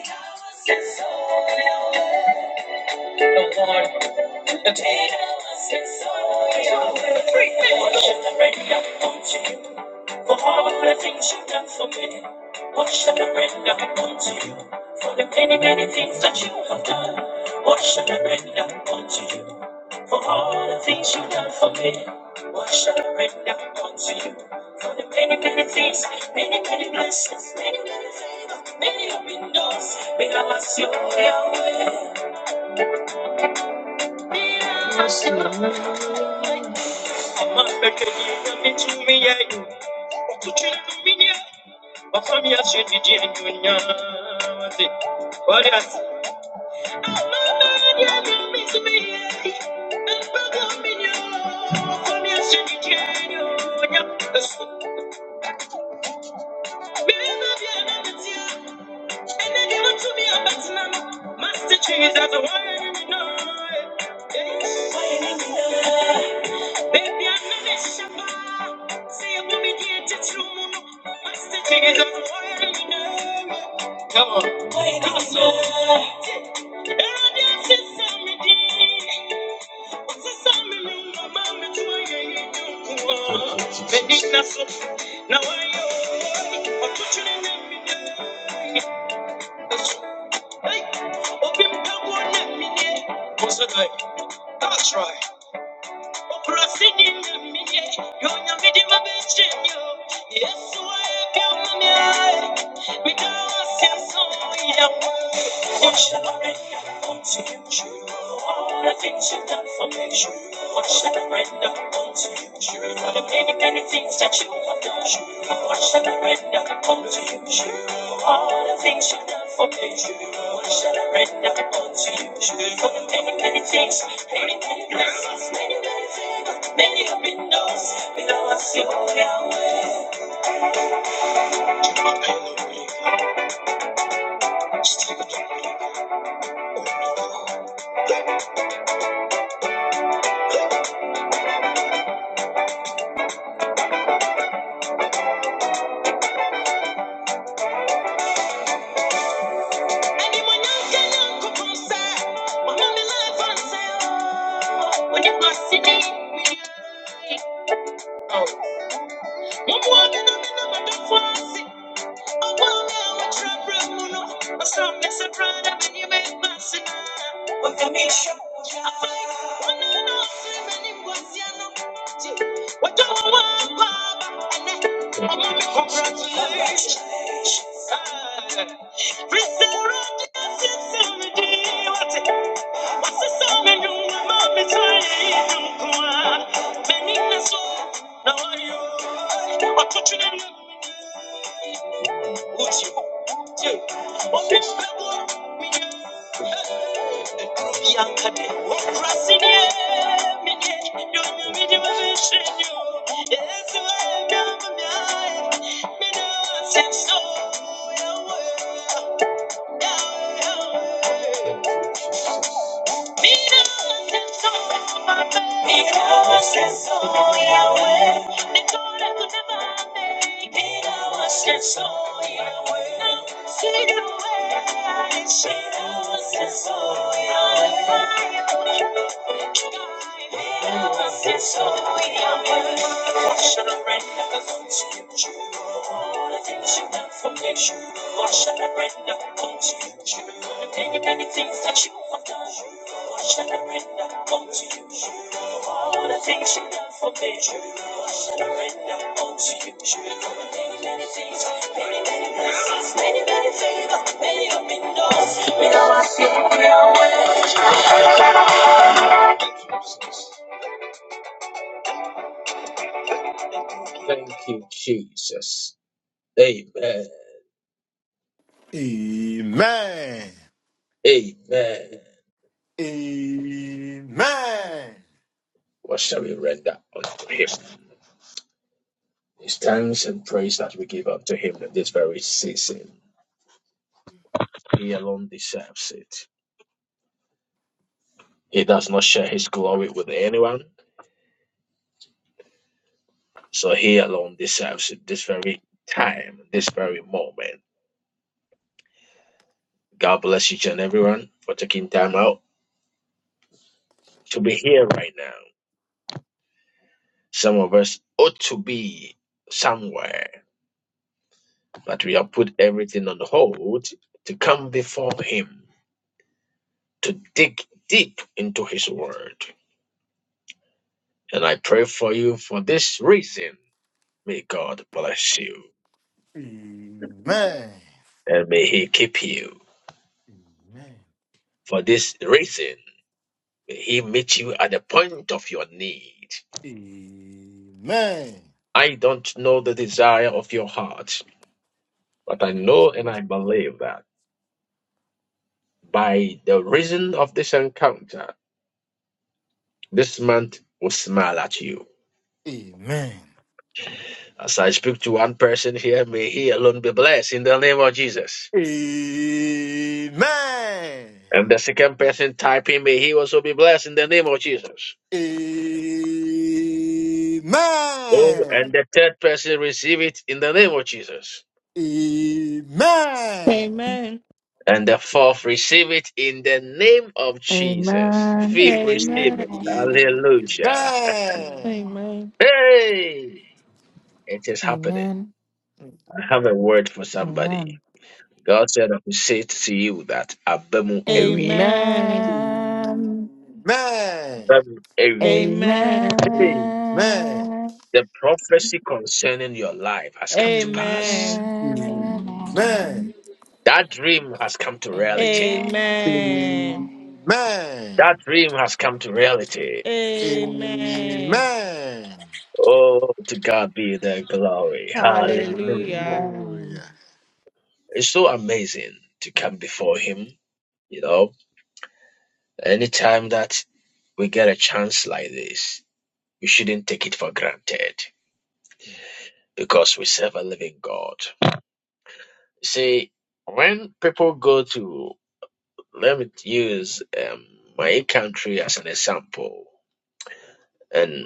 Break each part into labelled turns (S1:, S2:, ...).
S1: The one to take Free Worship the radio, won't you? For all the things you've done for me. Worship the radio, won't you? For the many, many things that you have done. Worship the radio, will unto you? For all the things you've done for me. Worship the radio, will unto you? For the many, many things, many, many blessings, many, many favors, many open doors. Because you're Yahweh. Master Jesus, why you know? Baby, I'm not a shepherd. Come on. That's right. What shall I render unto you? Try to paint anything that you have done. Watch that I read now can come to you. All the things you've done for me. Watch that I read now can come to you. For the many, many things, many, many blessings, many, many favors, many windows. We know I feel now. Anyone else can now come from side. One of me life and say, oh, When you pass oh Congratulations. Sisame nyuma mitayendo kuwa, benina so na wayo. Watuchule na uchi, je, okimbebwa minyaka. Yankade, wakrasinie minye, yonyo midi wabishenyo. Yesu wae miyama miyae, mina senso yawe, yawe, yawe. Because it's so in our way. Because it's so in our way. Anything that you want, wash and I render unto you. All the things you done for me, you surrender all to you, many, many things, many, many blessings, many, many favor, many open doors. Thank you, Jesus. Amen.
S2: Amen.
S1: Amen.
S2: Amen.
S1: What shall we render unto him? It's thanks and praise that we give unto him in this very season. He alone deserves it. He does not share his glory with anyone. So He alone deserves it this very time, this very moment. God bless each and everyone for taking time out to be here right now. Some of us ought to be somewhere, but we have put everything on hold to come before Him, to dig deep into His Word. And I pray for you for this reason. May God bless you
S2: Amen.
S1: and may He keep you.
S2: Amen.
S1: For this reason, may He meet you at the point of your need
S2: Amen. Amen.
S1: I don't know the desire of your heart, but I know and I believe that by the reason of this encounter, this month will smile at you.
S2: Amen. Amen. Amen.
S1: As I speak to one person here, may he alone be blessed in the name of Jesus. And the second person typing, may he also be blessed in the name of Jesus. Oh, and the third person receive it in the name of Jesus.
S3: Amen.
S1: And the fourth receive it in the name of Jesus.
S4: Amen.
S1: Fifth receive
S3: Amen.
S1: it.
S5: Amen.
S1: Hallelujah.
S3: Amen.
S1: Hey! It is happening.
S4: Amen.
S1: I have a word for somebody.
S4: Amen.
S1: God said I will say to you that Abemu Ewie.
S3: Amen.
S4: Amen.
S2: Amen. Amen.
S1: Abemu Ewie.
S3: Amen.
S1: Hey,
S2: Amen.
S4: Amen.
S1: The prophecy concerning your life has come to pass.
S3: Amen.
S5: Amen.
S4: Amen.
S2: Amen.
S5: Amen.
S1: That dream has come to reality.
S4: Amen.
S3: Amen.
S2: Amen.
S1: That dream has come to reality.
S3: Amen.
S2: Amen.
S1: Oh, to God be the glory. Hallelujah.
S3: Hallelujah.
S6: Amen.
S2: Hallelujah.
S1: It's so amazing to come
S2: Mm,
S1: before Him. You know, anytime that we get a chance like this, we shouldn't take it for granted.
S2: mm,
S1: because we serve a living God. See, when people go to, let me use um, my country as an example, and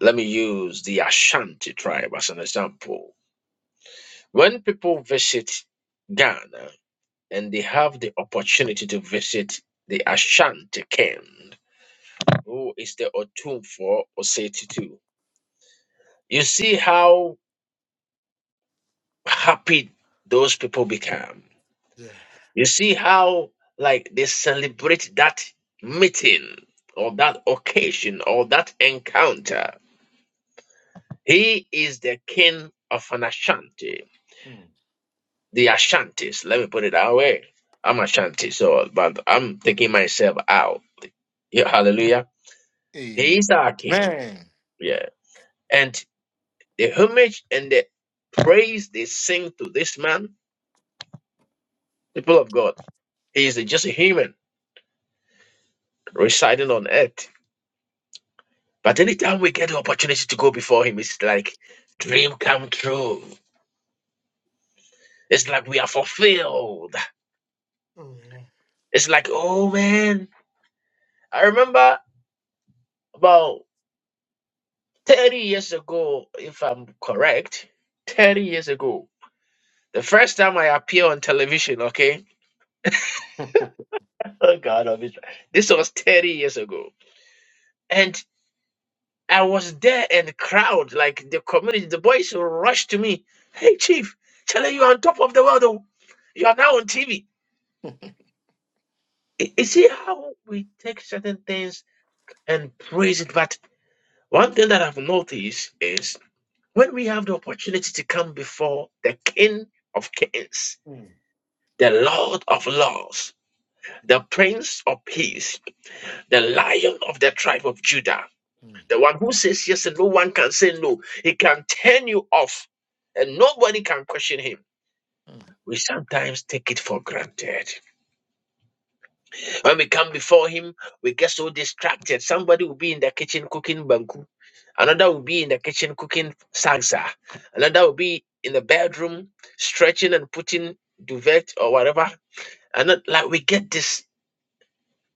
S1: let me use the Ashanti tribe as an example. When people visit Ghana and they have the opportunity to visit the Ashanti king, who is the Otumfo Osei Tutu, you see how happy those people become
S2: Yeah.
S1: You see how like they celebrate that meeting or that occasion or that encounter. He is the king of an Ashanti.
S2: mm.
S1: The Ashantis, let me put it that way. I'm Ashanti, so but I'm taking myself out. Yeah, hallelujah. He is our king.
S2: Amen.
S1: Yeah. And the homage and the praise they sing to this man, people of God, he is just a human residing on earth. But anytime we get the opportunity to go before Him, it's like dream come true. It's like we are fulfilled.
S2: Oh, yeah.
S1: It's like, oh man, I remember about 30 years ago, if I'm correct, 30 years ago, the first time I appeared on television, okay? Oh God, of Israel. this was 30 years ago. And I was there and the crowd, like the community, the boys rushed to me. Hey, Chief, Charlie, you're on top of the world. Oh. You are now on TV. I- You see how we take certain things and praise it. But one thing that I've noticed is when we have the opportunity to come before the King of Kings,
S2: Mm,
S1: the Lord of Lords,
S2: mm,
S1: the Prince of Peace, the Lion of the tribe of Judah,
S2: mm,
S1: the one who says yes and no one can say no, he can turn you off and nobody can question him.
S2: mm,
S1: We sometimes take it for granted. When we come before Him, we get so distracted. Somebody will be in the kitchen cooking banku, another will be in the kitchen cooking salsa, another will be in the bedroom stretching and putting duvet or whatever. And not, like we get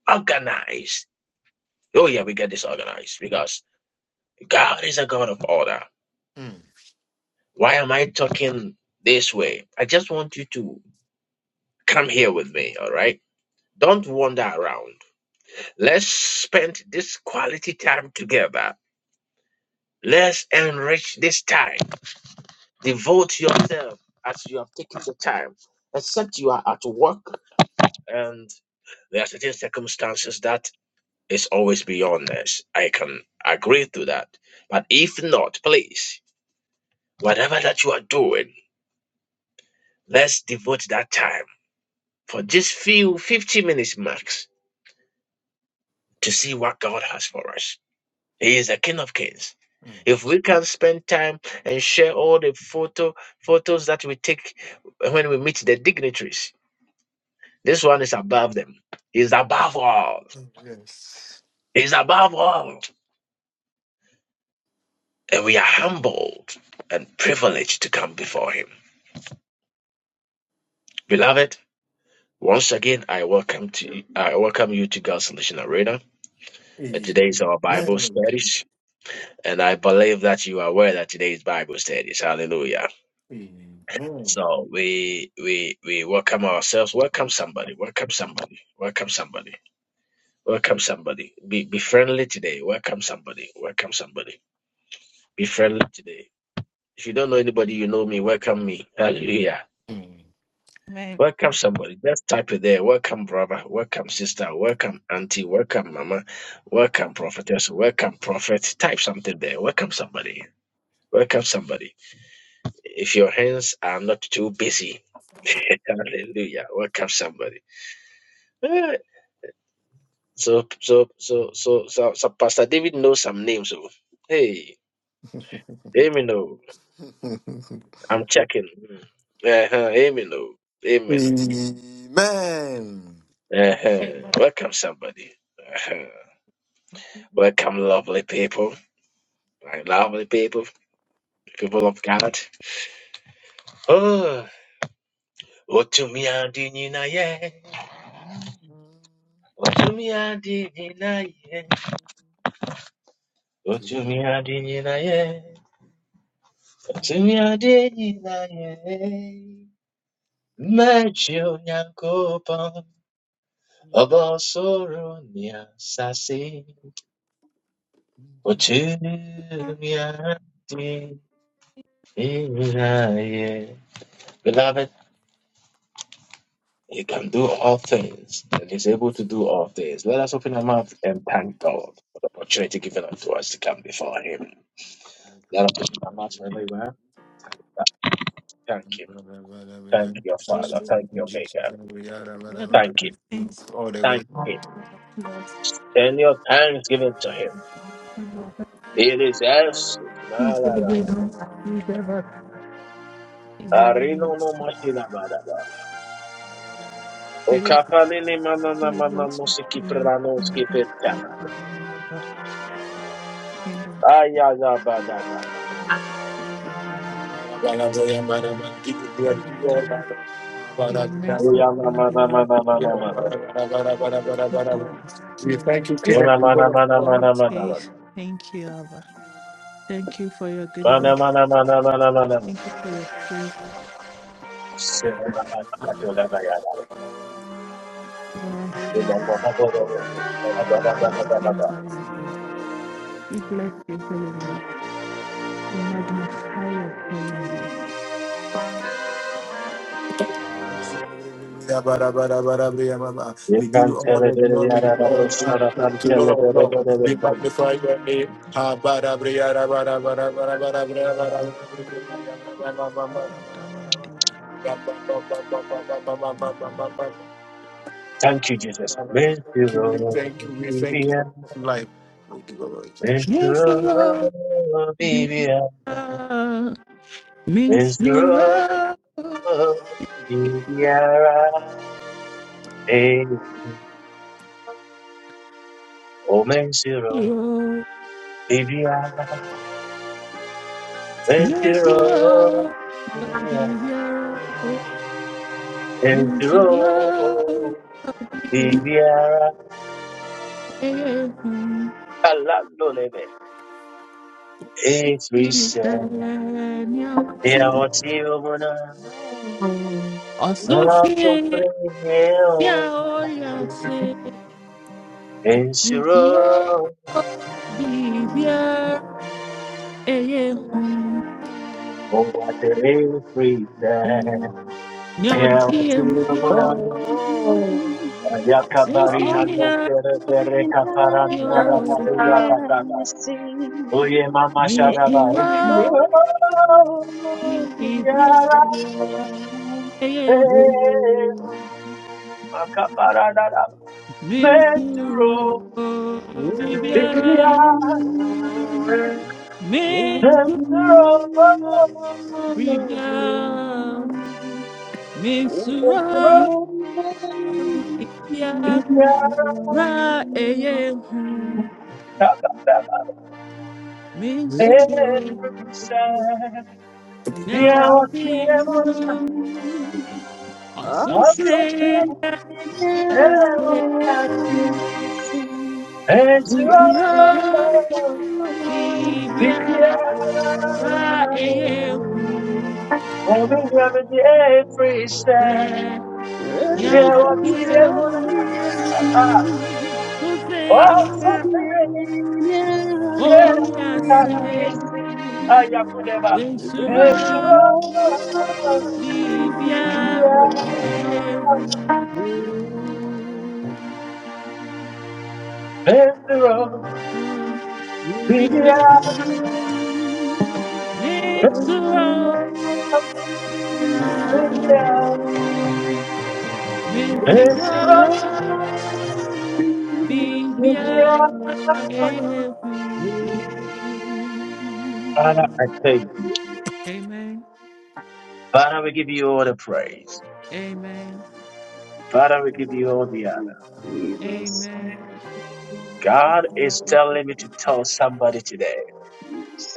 S1: disorganized. Oh, yeah, we get disorganized because God is a God of order.
S2: mm, mm.
S1: Why am I talking this way? I just want you to come here with me, all right? Don't wander around. Let's spend this quality time together Let's enrich this time. Devote yourself as you have taken the time, except you are at work and there are certain circumstances that is always beyond us. I can agree to that. But if not, please, whatever that you are doing, let's devote that time for just few 50 minutes max to see what God has for us. He is the King of Kings.
S2: Mm.
S1: If we can spend time and share all the photo photos that we take when we meet the dignitaries, this one is above them. He's above all.
S2: Yes.
S1: He's above all. And we are humbled and privileged to come before him. Beloved, once again I welcome to I welcome you to God's Solution Arena. And today is our Bible
S2: Amen.
S1: studies. And I believe that you are aware that today is Bible studies. Hallelujah.
S2: Amen.
S1: So we we we welcome ourselves. Welcome somebody. Welcome somebody. Welcome somebody. Welcome somebody. Be be friendly today. Welcome somebody. Welcome somebody. Be friendly today. If you don't know anybody, you know me. Welcome me. Hallelujah.
S2: Mm.
S3: Amen.
S1: Welcome somebody. Just type it there. Welcome brother. Welcome sister. Welcome auntie. Welcome mama. Welcome prophetess. Welcome prophet. Type something there. Welcome somebody. Welcome somebody. If your hands are not too busy, hallelujah. Welcome somebody. Eh, So, so, so, so, so, so Pastor David knows some names. Oh. Hey, amen. Oh. I'm checking. Mm. Uh-huh, amen. Oh. Amen.
S2: Amen.
S3: Amen.
S1: Uh-huh. Welcome, somebody. Uh-huh. Welcome, lovely people. My lovely people, people of God. Oh, Otumi Adinina, yeah. Otumi Adinina, yeah.
S2: To-
S1: Otumi Adinina, yeah. Otumi Adinina, yeah. Matthew Nyankopon. Obosorunya sasi uchunyati
S3: Yeah,
S1: inaye. Beloved, he can do all things and is able to do all things. Let us open our mouth and thank God for the opportunity given unto us to come before him.
S2: my
S1: Let us open our mouth wherever you
S2: good
S1: are.
S2: We thank you for the
S1: Thank him.
S2: glory.
S3: we
S1: Thank your
S3: Praise
S1: Father.
S3: you.
S1: Thank your Maker.
S2: We give
S3: Lord, I
S1: Thank
S3: give
S1: him.
S3: you Thanks.
S2: all the glory.
S1: Thank him.
S3: Lord of lords.
S1: Send your thanks given to him. He deserves it. La
S3: He's the
S1: la la
S3: great one. He's ever. He's
S1: la.
S3: ever.
S1: Arino no
S3: blessed.
S1: mashila O
S3: Praise
S1: kapalini manana mana
S3: to
S1: musiki
S3: bring you.
S1: prano
S3: Magnify your
S1: skipetana.
S3: holy name, Abba. Kingdom come.
S1: Aya ya badada.
S3: Praise your holy name.
S2: We light the fire.
S3: your kind, your mercy
S1: Uya mana
S3: and
S1: mana
S3: your
S1: mana mana mana.
S3: forever. Thou art
S2: We
S3: glorious.
S1: Una mana mana
S3: all
S1: mana mana mana.
S3: faith. Thank you, Abba. Thank you for your goodness.
S1: Mana mana mana mana mana mana.
S3: Thank you for your faith.
S1: Sena mana katola ya.
S3: Lord,
S1: Ila
S3: servants,
S1: mana boda. Bada bada
S3: all
S1: bada
S3: the
S1: bada
S3: things
S1: bada.
S3: that you do. We bless your holy name. We magnify your holy name. Christ.
S1: You can tell it there ya da da da. Shara can tell it there da da da.
S3: good and thou
S2: burn the flame. We burn the flame.
S1: Thank you, Jesus.
S2: Father,
S1: Miss you,
S2: we thank you, we thank you, we thank you
S1: Olivia.
S2: for life. We give our
S1: Miss
S2: attention.
S3: Yes,
S1: you,
S3: Lord. We love means you
S1: Olivia.
S3: love.
S1: Oh, Bibiara, eh, Oh, Mensiro, Bibiara,
S3: Yes,
S1: Mensiro,
S3: love, are. Be
S1: Bibiara,
S3: your means to
S1: Mensiro,
S3: love. Be
S1: Bibiara,
S3: here.
S1: Kalalolebe, it's
S3: Be
S1: reset,
S3: your
S1: they are
S3: sin.
S1: what you wanna, not to
S3: Associate
S1: free, oh,
S3: your yes. Means to
S1: Mensiro,
S3: love. Be here.
S1: oh, what they free, they are
S3: Your
S1: what
S3: dear
S1: you
S3: Mulo.
S1: wanna,
S7: All
S1: Yakabarina no
S3: Associate
S7: things
S1: tere
S7: I
S1: tere kaparanda
S3: your
S1: rabadu yadadaga.
S7: see,
S1: Uye mama
S3: means
S7: Yes,
S1: sharaba.
S3: to
S7: the
S3: love.
S7: Lord
S3: Be
S7: is
S3: here.
S1: Yara
S7: with us.
S1: ezu. Akabarada raba.
S3: Mensura
S1: Menturo. Bibia.
S3: Bibia,
S7: And
S3: Mensura
S1: Menturo.
S3: Bibia,
S7: the
S1: Menturo.
S3: Mensura
S7: Lord
S3: Bibia,
S1: Bibia.
S7: is
S3: Ra
S7: with us.
S3: Eyehu,
S1: Kabababa.
S7: Down
S3: Mensura.
S1: Every side.
S3: Now I
S1: Via
S3: see him,
S7: to
S3: Lord.
S7: you,
S3: I so
S7: awesome
S1: wa
S3: say,
S7: thing in
S3: I say,
S1: Everlasting,
S7: heaven.
S1: Ezra,
S7: Yes,
S3: Mensura
S7: you are
S3: Bibia,
S1: Bibiara,
S3: Ra
S7: alive.
S3: Eyehu,
S1: Omega Medi Efrisha,
S3: Ra. Now I
S7: everything
S1: Lewati
S3: see him,
S7: out there.
S1: Evona,
S3: So
S1: Oh,
S7: I'm
S3: say,
S7: thinking
S1: something,
S3: Oh,
S7: now,
S3: yes, eh,
S1: Everlasting,
S7: yes.
S1: Ayakudeva,
S3: in
S7: It's a
S3: Surah,
S1: Ezra,
S7: lovely
S3: be
S7: you.
S3: Pierre,
S1: Bibiara,
S3: eh,
S1: Ezra,
S3: uh, be
S7: You
S3: Pierre,
S1: Bibiara,
S7: can
S3: men Surah, yeah,
S1: Bibiara,
S3: men
S7: It's a
S1: Ezra,
S3: Surah,
S7: long,
S3: be
S7: It's a
S1: Bibiara.
S3: Pierre,
S7: long,
S3: eh,
S1: Father, I thank you.
S3: Amen,
S1: Father, we give you all the praise.
S7: Okay, thank you.
S3: amen,
S1: Father, we give you all the honor.
S7: Viva Sita,
S3: amen,
S1: God is telling me to tell somebody today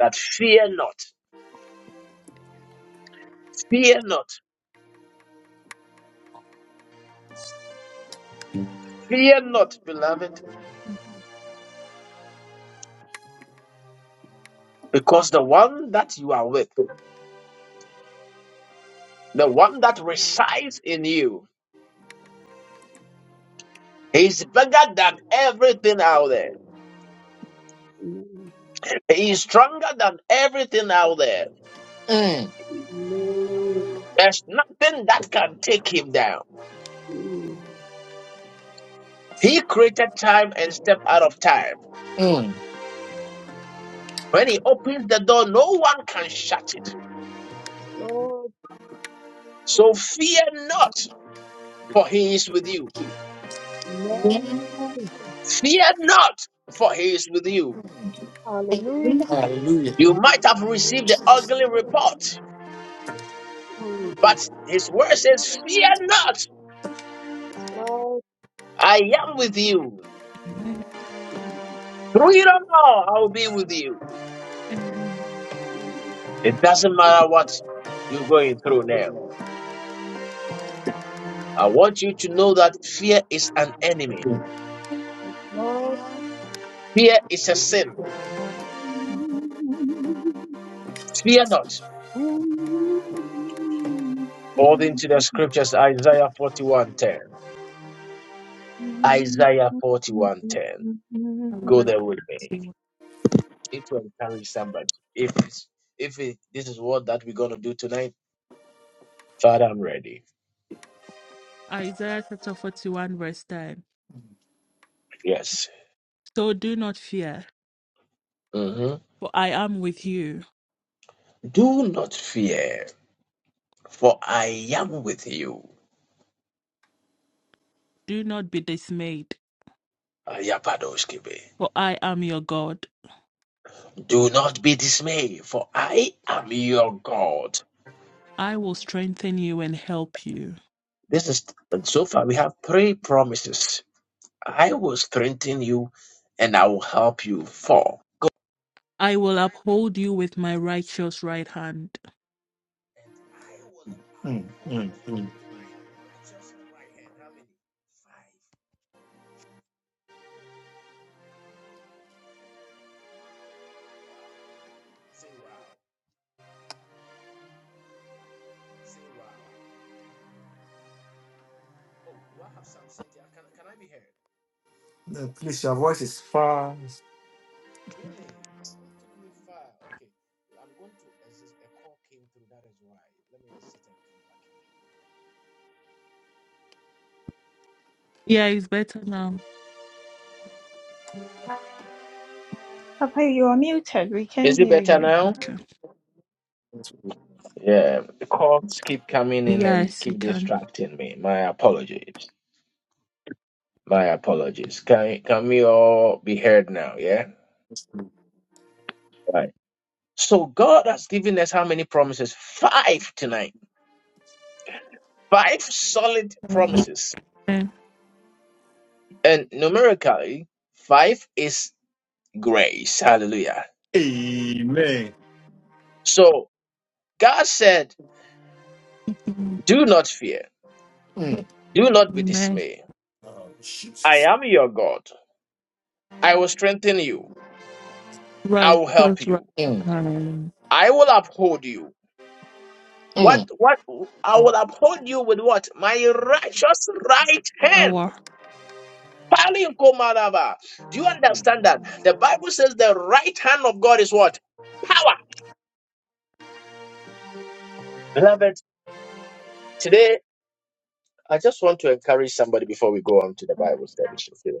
S1: that fear not, fear not, fear not, beloved, because the one that you are with, the one that resides in you, is bigger than everything out there.
S7: Amen.
S1: He is stronger than everything out there.
S2: Mm,
S1: There's nothing that can take him down.
S7: Amen.
S1: He created time and stepped out of time.
S2: mm,
S1: When he opens the door, no one can shut it.
S7: Yes, Lord.
S1: So fear not, for he is with you.
S7: Amen.
S1: Fear not, for he is with you.
S7: Hallelujah.
S2: hallelujah.
S1: You might have received the ugly report,
S7: Mm.
S1: but his word says, Fear not,
S7: Yes, Lord.
S1: I am with you.
S3: amen,
S7: Mm,
S1: Through it all, I'll be with you.
S3: amen.
S7: mm,
S1: It doesn't matter what you're going through now. I want you to know that fear is an enemy.
S7: Lord.
S1: Fear is a sin.
S7: Mm, mm,
S1: Fear not. According to the scriptures, Isaiah 41:10. Isaiah 41:10.
S7: mm,
S1: Go
S3: Isaiah
S1: there with me.
S3: forty-one,
S1: need to encourage somebody. If it's, if it, this is what that we're gonna do tonight, Father, I'm ready.
S3: Isaiah chapter 41, verse 10.
S1: Yes.
S3: So do not fear,
S1: hmm
S3: for I am with you.
S1: Do not fear, for I am with you.
S3: Do not be dismayed
S1: Ayapadoskibe.
S3: For I am your God.
S1: Do not be dismayed, for I am your God.
S3: I will strengthen you and help you.
S1: This is and so far we have three promises. I will strengthen you, and I will help you. Four. Go
S3: I will
S1: I-
S3: uphold you with my righteous right hand.
S1: and I will
S2: Mm, mm,
S1: uphold you
S2: mm.
S1: with my righteous right hand. How many? Five. Wow. Say wow. Say wow. Oh, do I have something? there? Can can I be heard?
S2: Now, Please, your voice is far.
S1: Really? Who took me far? Okay. I'm going to exit. A call came through. That is why. Let me exit and come back in.
S3: Yeah, it's better now.
S8: Papa, you are muted. We can
S1: Is it
S8: hear
S1: better
S8: you.
S1: now?
S3: Okay.
S1: Yeah. The calls keep coming in and
S3: Yes, you
S1: keep
S3: can.
S1: distracting me. My apologies. My apologies. Can can we all be heard now? Yeah. Right. So God has given us how many promises? Five tonight. Five solid
S3: Amen.
S1: promises And numerically, five is grace. Hallelujah.
S2: Amen.
S1: So God said, Do not fear, do not be
S3: Amen.
S1: dismayed.
S2: Oh,
S1: I
S2: Jesus.
S1: am your God. I will strengthen you. I will help
S3: Righteous right
S1: you.
S3: hand.
S1: I will uphold you. What
S2: Mm,
S1: what I will uphold you with what? My righteous right hand.
S3: Our.
S1: Palinkomaraba. Do you understand that? The Bible says the right hand of God is what? Power. Beloved, today I just want to encourage somebody before we go on to the Bible study.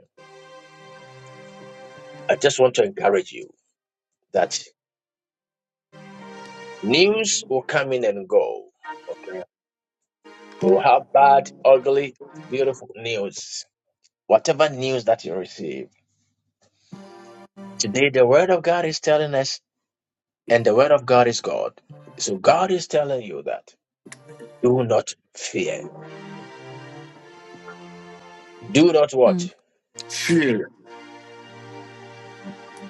S1: I just want to encourage you that news will come in and go. Okay. You will have bad, ugly, beautiful news. Whatever news that you receive. Today, the Word of God is telling us, and the Word of God is God. So God is telling you that do not fear. Do not what?
S3: Hmm.
S2: fear,
S1: Fear.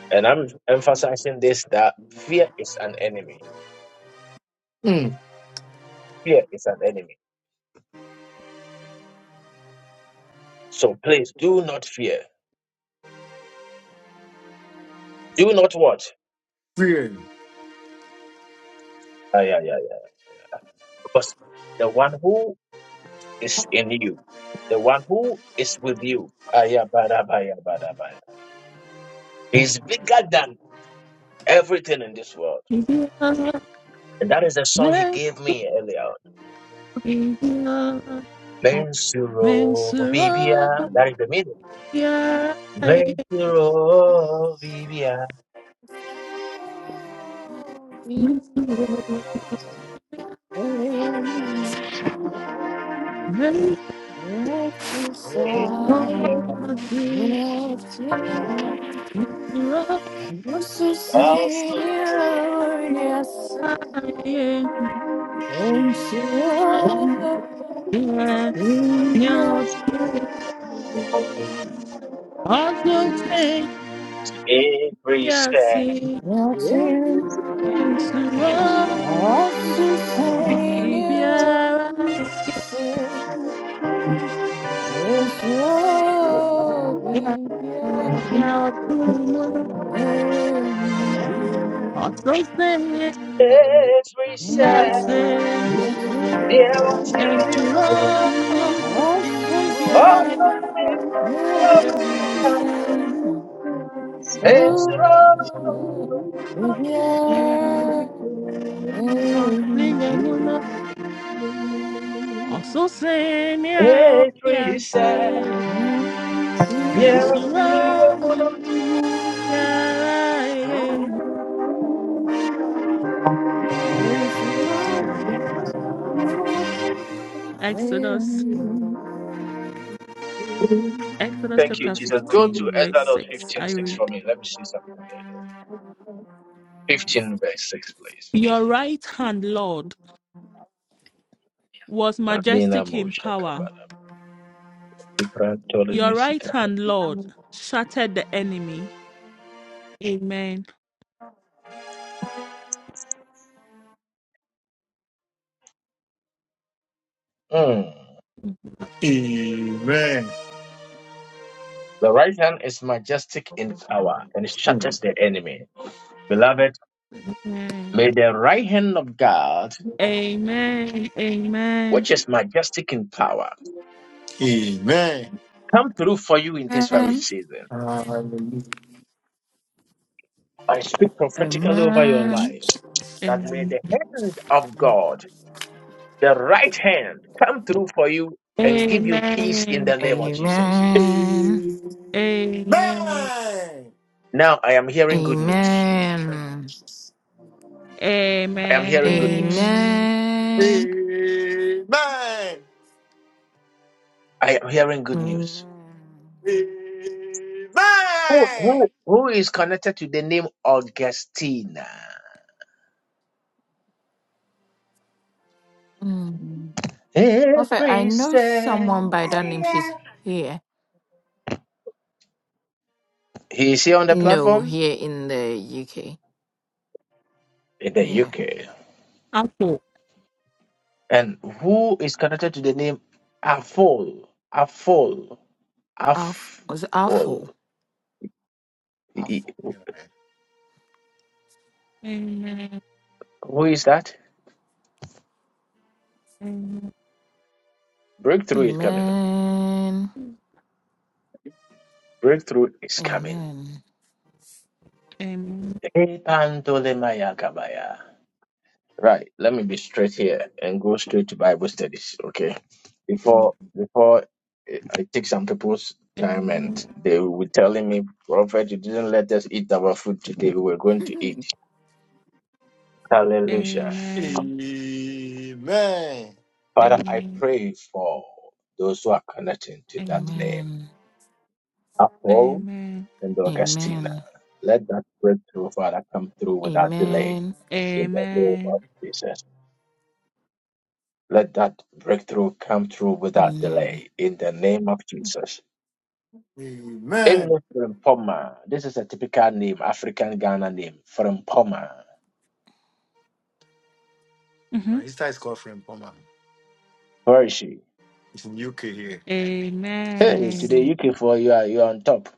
S1: And I'm emphasizing this that fear is an enemy. Fear is an enemy. So please do not fear. Do not what?
S2: fear.
S1: Ah, yeah, yeah, yeah. Because the one who is in you. The one who is with you. Ayabadabayabadabaya. He's bigger than everything in this world.
S3: Yeah,
S1: And that is the song he gave me earlier on.
S3: yeah,
S1: Mensuro
S3: Mensura,
S1: Bibia. That is the meaning.
S3: yeah,
S1: Mensuro Bibia.
S4: Oh, we
S3: Mensura, yeah, Mensura,
S4: Every
S1: Every
S4: side of
S1: step,
S4: you, know, I'm also
S1: also
S4: saying you, yes,
S3: yeah,
S4: and you.
S3: yeah,
S4: India,
S3: yeah, too. Also say
S1: to every
S3: yes,
S1: step,
S3: and
S7: There is
S4: Mountain,
S3: to love
S7: a
S3: be
S7: Thank
S4: Asusanya,
S3: yeah,
S4: Yase,
S3: yeah,
S4: Osobia,
S3: yeah, too. Also say
S1: every step,
S3: yes, and
S4: Mountain,
S1: yeah, what
S3: to
S1: you
S3: love be yeah,
S4: Asusanya,
S3: yeah,
S4: Yase,
S1: also Mensuro
S4: Oh, Libya. Amen.
S3: yeah, also say yes,
S1: reset.
S3: and
S1: Yeah.
S3: to
S4: Amen.
S1: yeah.
S3: love.
S7: you.
S3: Yeah, yeah.
S7: Oh, to sing
S4: Amen.
S3: Exodus, Exodus
S1: Thank you,
S3: chapter
S1: Jesus. Go to
S3: 15, verse
S1: Exodus
S3: 6.
S1: 15:6
S3: I read,
S1: for me. Let me see something there. 15 verse 6, please.
S3: Your right hand, Lord, was
S1: Lavina
S3: majestic in
S1: Moshe
S3: power.
S1: Kabbalah. Ibra
S3: Your
S1: Ptolemy
S3: right
S1: Sikata.
S3: hand, Lord, shattered the enemy. Amen.
S1: Mm.
S2: Amen.
S1: The right hand is majestic in power and
S2: Mm,
S1: shatters the enemy. Beloved,
S3: Amen.
S1: may the right hand of God,
S3: Amen.
S1: which
S3: Amen.
S1: is majestic in power,
S2: amen.
S1: come through for you in this very season.
S2: Hallelujah.
S1: I speak prophetically over your life that may
S3: Amen.
S1: the hand of God the right hand come through for you and give you peace in
S3: Amen.
S1: the name of Jesus.
S4: Amen.
S3: Amen.
S2: Amen.
S1: Now I am hearing good news.
S4: Amen.
S1: I am hearing good news.
S3: Amen.
S4: Amen.
S2: Amen.
S1: I am hearing good news. Who,
S2: Amen.
S1: who, who is connected to the name Augustina?
S4: Mm. Prophet, I
S1: Every
S4: know
S1: step.
S4: someone by that name. She's here.
S1: He is here on the
S4: No,
S1: platform
S4: here in the UK.
S1: in the
S4: Yeah.
S1: UK.
S3: Apple.
S1: And who is connected to the name Afol? Afol.
S4: Alf was it Alfo.
S1: Afol.
S2: I
S1: Who
S2: forgive.
S3: Amen.
S1: is that?
S3: Amen.
S1: Breakthrough is coming.
S4: Amen.
S1: Breakthrough is coming.
S4: Amen.
S3: Amen.
S1: Ebandolemaya kabaya. Right, let me be straight here and go straight to Bible studies, okay? Before before I I take some people's time
S3: Amen.
S1: and they were telling me, Prophet, you didn't let us eat our food today. We were going to eat.
S4: Amen.
S1: Hallelujah.
S3: Amen.
S2: Amen.
S1: Father, I
S3: Amen.
S1: pray for those who are connecting to that
S3: Amen.
S1: name, Apollo
S3: Amen.
S1: and Augustina.
S4: Amen.
S1: Let that breakthrough, Father, come through without delay
S4: Amen.
S1: in the name of
S3: Amen.
S1: Jesus. Let that breakthrough come through without
S4: Amen.
S1: delay in the name of Jesus.
S2: Amen.
S1: Inu Frimpoma. This is a typical name, African Ghana name. Frimpoma.
S3: hmm
S2: My Insta is called Friend Palmer.
S1: Where is she?
S2: It's in UK here. He-
S1: Hey,
S3: Amen.
S1: today UK4, you are you are on top.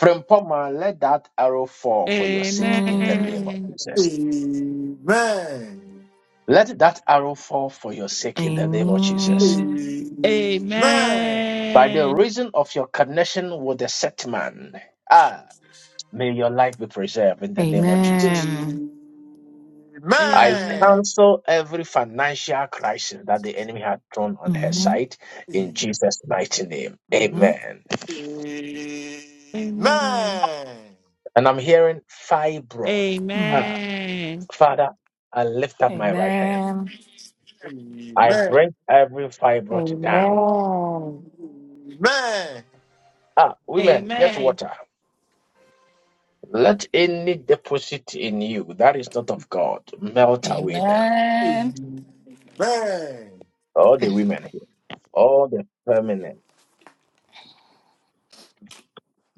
S1: Frimpoma, let that arrow fall for your sake in the
S4: Amen.
S1: name of
S3: Amen.
S1: Jesus.
S2: Amen.
S1: Let that arrow fall for your sake in the name of Jesus.
S4: Amen.
S2: Amen.
S1: By the
S3: Amen.
S1: reason of your connection with the set man, ah,
S2: Jesus.
S1: may your life be preserved in
S4: Amen.
S1: the name of
S3: Mm.
S1: Jesus.
S4: Amen.
S2: Amen.
S1: I
S3: Amen.
S1: cancel every financial crisis that the enemy had thrown
S4: Amen.
S1: on her
S4: Mm.
S1: side in
S2: Amen.
S1: Jesus' mighty name. Amen.
S2: Amen. Amen.
S3: Amen.
S1: And I'm hearing fibroid. Ah,
S3: Amen.
S1: Father, I lift up my right hand.
S4: Amen.
S1: I bring every fibroid down. Ah, women, get
S3: Amen.
S1: water. Let any deposit in you that is not of God melt away now.
S4: Amen.
S1: All the women here, all the feminine.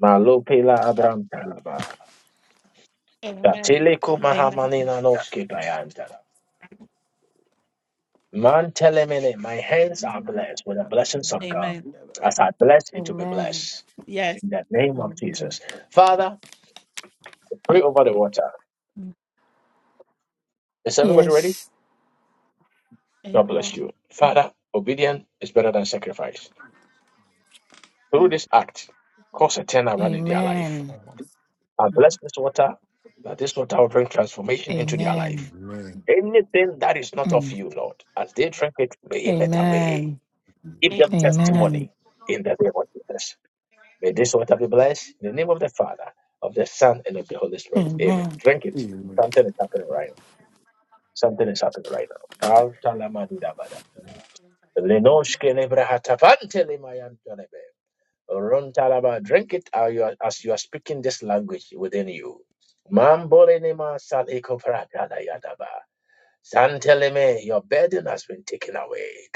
S1: Malopela Abraham Talaba.
S3: Amen.
S1: Katiliku
S3: Amen.
S1: mahamanina noski bayantara. Mantelemene, my hands are blessed with the blessings of God.
S3: Amen.
S1: As I bless, it will be
S4: Amen.
S1: blessed.
S3: Yes.
S1: In the name of
S4: Amen.
S1: Jesus. Father, pray over the water.
S3: Mm.
S1: Is everybody ready?
S4: Yes.
S1: God bless
S3: Amen.
S1: you. Father, obedience is better than sacrifice. Through this act, cause a turnaround in their life.
S4: Amen.
S1: I bless this water, that this water will bring transformation into their life.
S2: Amen.
S4: Amen.
S2: Amen.
S1: Anything that is not of
S4: Mm.
S1: you, Lord, as they drink it, may it melt away.
S4: Amen.
S1: Give them
S3: Amen.
S4: Amen.
S1: testimony in the name of Jesus. May this water be blessed in the name of the Father, of the Son, and of the Holy Spirit. Amen.
S4: Amen.
S1: Drink it.
S2: Amen.
S1: Something is happening right now. Something is happening right now. Altalamadidabada. Lenoshkelebrehatavantelemayantolebe. Rontalaba. Drink it as you are as you are speaking this language within you. Mambolenema salikoprakalayadaba. Santeleme, your burden has been taken away.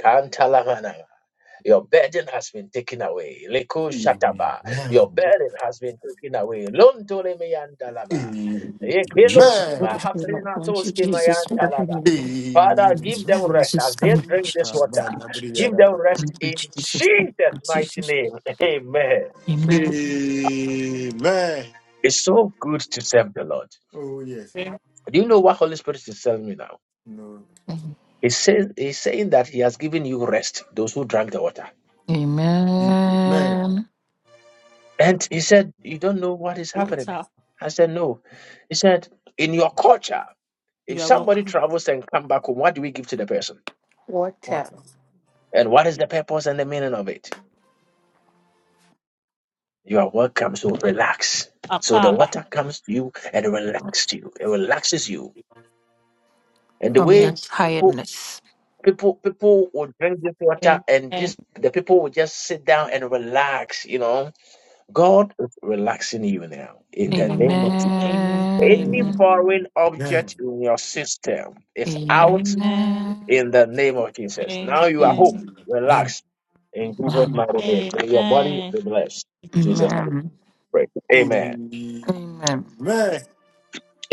S1: Your burden has been taken away. Leko
S2: Amen.
S1: Shataba. Your
S2: Amen.
S1: burden has been taken away. Lontole meyandalaba.
S2: Amen.
S4: Jesus. What a
S2: Amen.
S1: Yekeloskiba
S4: feeling. Thank you,
S1: hafrenatoski
S4: Jesus. What a
S1: mayandalaba.
S4: feeling.
S1: Father, give
S4: Jesus,
S1: them rest
S4: Jesus,
S1: as they
S4: thank you,
S1: drink
S3: Amen.
S1: this
S4: Jesus.
S1: water. Give them
S4: Thank
S1: rest
S4: you,
S1: in
S4: Jesus. Thank you, Jesus. thank
S1: Jesus'
S4: you,
S1: mighty
S4: Jesus.
S1: name. Amen.
S4: Amen.
S2: Amen.
S1: It's so good to serve the Lord.
S2: Oh, yes.
S3: Amen.
S1: Do you know what Holy Spirit is telling me now?
S2: No. question.
S1: He says he's saying that he has given you rest, those who drank the water.
S2: Amen.
S4: Amen.
S1: And he said, You don't know what is happening.
S3: Water.
S1: I said, No. He said, In your culture, if
S3: You are
S1: somebody
S3: welcome.
S1: travels and come back home, what do we give to the person?
S4: Water.
S2: Water.
S1: And what is the purpose and the meaning of it? You are welcome, so relax. So the
S3: Akaba.
S1: water comes to you and it relaxes you. It relaxes you. And the
S4: From your
S3: Yeah.
S1: way people
S4: tiredness.
S1: people people will drink this water
S3: Amen.
S1: and this the people will just sit down and relax, you know. God is relaxing you now in the name of
S3: Amen.
S1: Jesus.
S3: Amen.
S1: Any
S3: Amen.
S4: Amen.
S2: Amen.
S1: foreign
S2: Amen.
S1: object in your system is out
S4: Amen.
S3: Amen.
S1: in the name of Jesus.
S3: Amen.
S1: Now you are home,
S2: Amen.
S1: relaxed in Jesus'
S4: Amen.
S1: mighty name. May your body
S3: Amen.
S1: be blessed. In Jesus' name, we
S4: Amen.
S1: pray.
S2: Amen.
S1: Amen.
S4: Amen.
S2: Amen.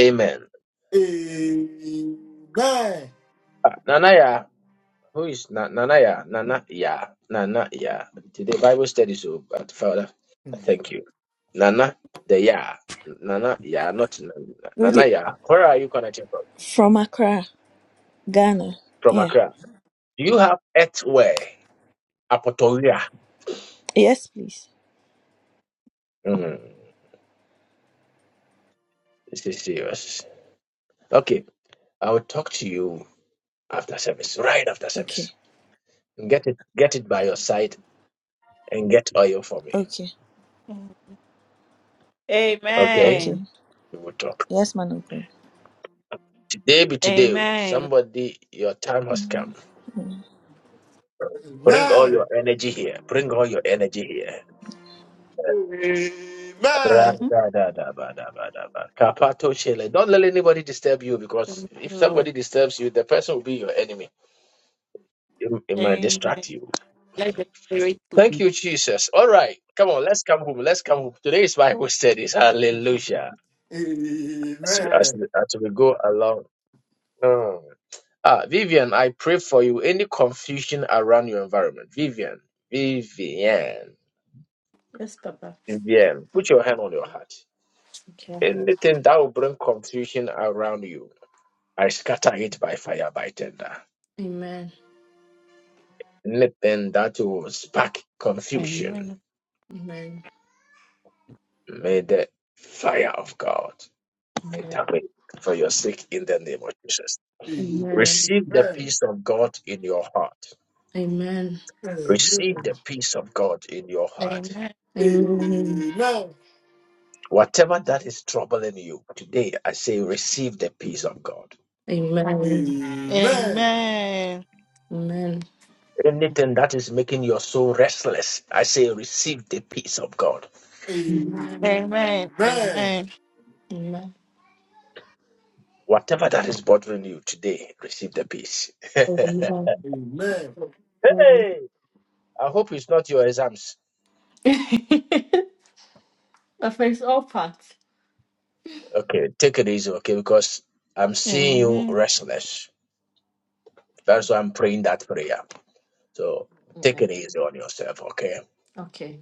S1: Amen.
S2: Amen.
S1: Nanaya, who is Na- Nanaya? Nanaya, Nanaya. Today Bible study, so but Father, I thank you. Nana, the Ya, Nana, Ya, not
S9: Good
S1: Nana,
S9: e-
S1: Ya. Where are you connecting from?
S9: from Accra, Ghana.
S1: From
S9: Yeah.
S1: Accra. Do you have earthware? Apotoria.
S9: Yes, please.
S1: Mm-hmm. This is serious. Okay, I will talk to you after service, right after
S9: Okay.
S1: service. Get it, get it by your side, and get oil for me.
S9: Okay.
S1: Okay,
S3: Amen.
S9: Okay.
S1: we will talk.
S9: Yes, man of God.
S1: Today be today. oh.
S3: Amen.
S1: Somebody, your time has come.
S9: Mm. Mm.
S1: Bring all your energy here. Bring all your energy here.
S3: Mm-hmm.
S1: Ra-da-da-da-ba-da-ba-da-ba. Kapato shele. Don't let anybody disturb you because
S3: Thank you,
S1: if
S3: Lord.
S1: somebody disturbs you, the person will be your enemy. It, it might
S3: Amen.
S1: distract you.
S3: Let the Spirit
S1: Thank
S3: please.
S1: you, Jesus. All right. Come on, let's come home. Let's come home. Today is Bible studies. Hallelujah. As we, as we, as we go along. Mm. Ah, Vivian, I pray for you. Any confusion around your environment? Vivian, Vivian,
S6: Yes, Papa.
S1: Vivian, put your hand on your heart.
S6: Okay.
S1: Anything that will bring confusion around you, I scatter it by fire, by tender.
S6: Amen.
S1: Anything that will spark confusion,
S3: Amen.
S6: Amen.
S1: may the fire of God
S6: Amen.
S1: enter it for your sake in the name of Jesus.
S6: Amen.
S1: Receive the
S2: Amen.
S1: peace of God in your heart.
S6: Amen.
S1: Receive
S2: Amen.
S1: the peace of God in your heart.
S3: Amen.
S6: Amen.
S2: Amen.
S1: Whatever that is troubling you today, I say, receive the peace of God.
S6: Amen. Amen.
S2: Amen.
S3: Amen.
S6: Amen.
S1: Anything that is making your soul restless, I say, receive the peace of God.
S2: Amen.
S3: Amen.
S2: Amen.
S3: Amen.
S1: Whatever that is bothering you today, receive the peace. hey,
S6: Amen.
S2: Amen.
S6: Amen.
S1: I hope it's not your exams.
S6: Papa is all part.
S1: Okay, take it easy, okay, because I'm seeing you
S3: Amen.
S1: restless. That's why I'm praying that prayer. So take
S6: Amen.
S1: it easy on yourself, okay?
S6: Okay.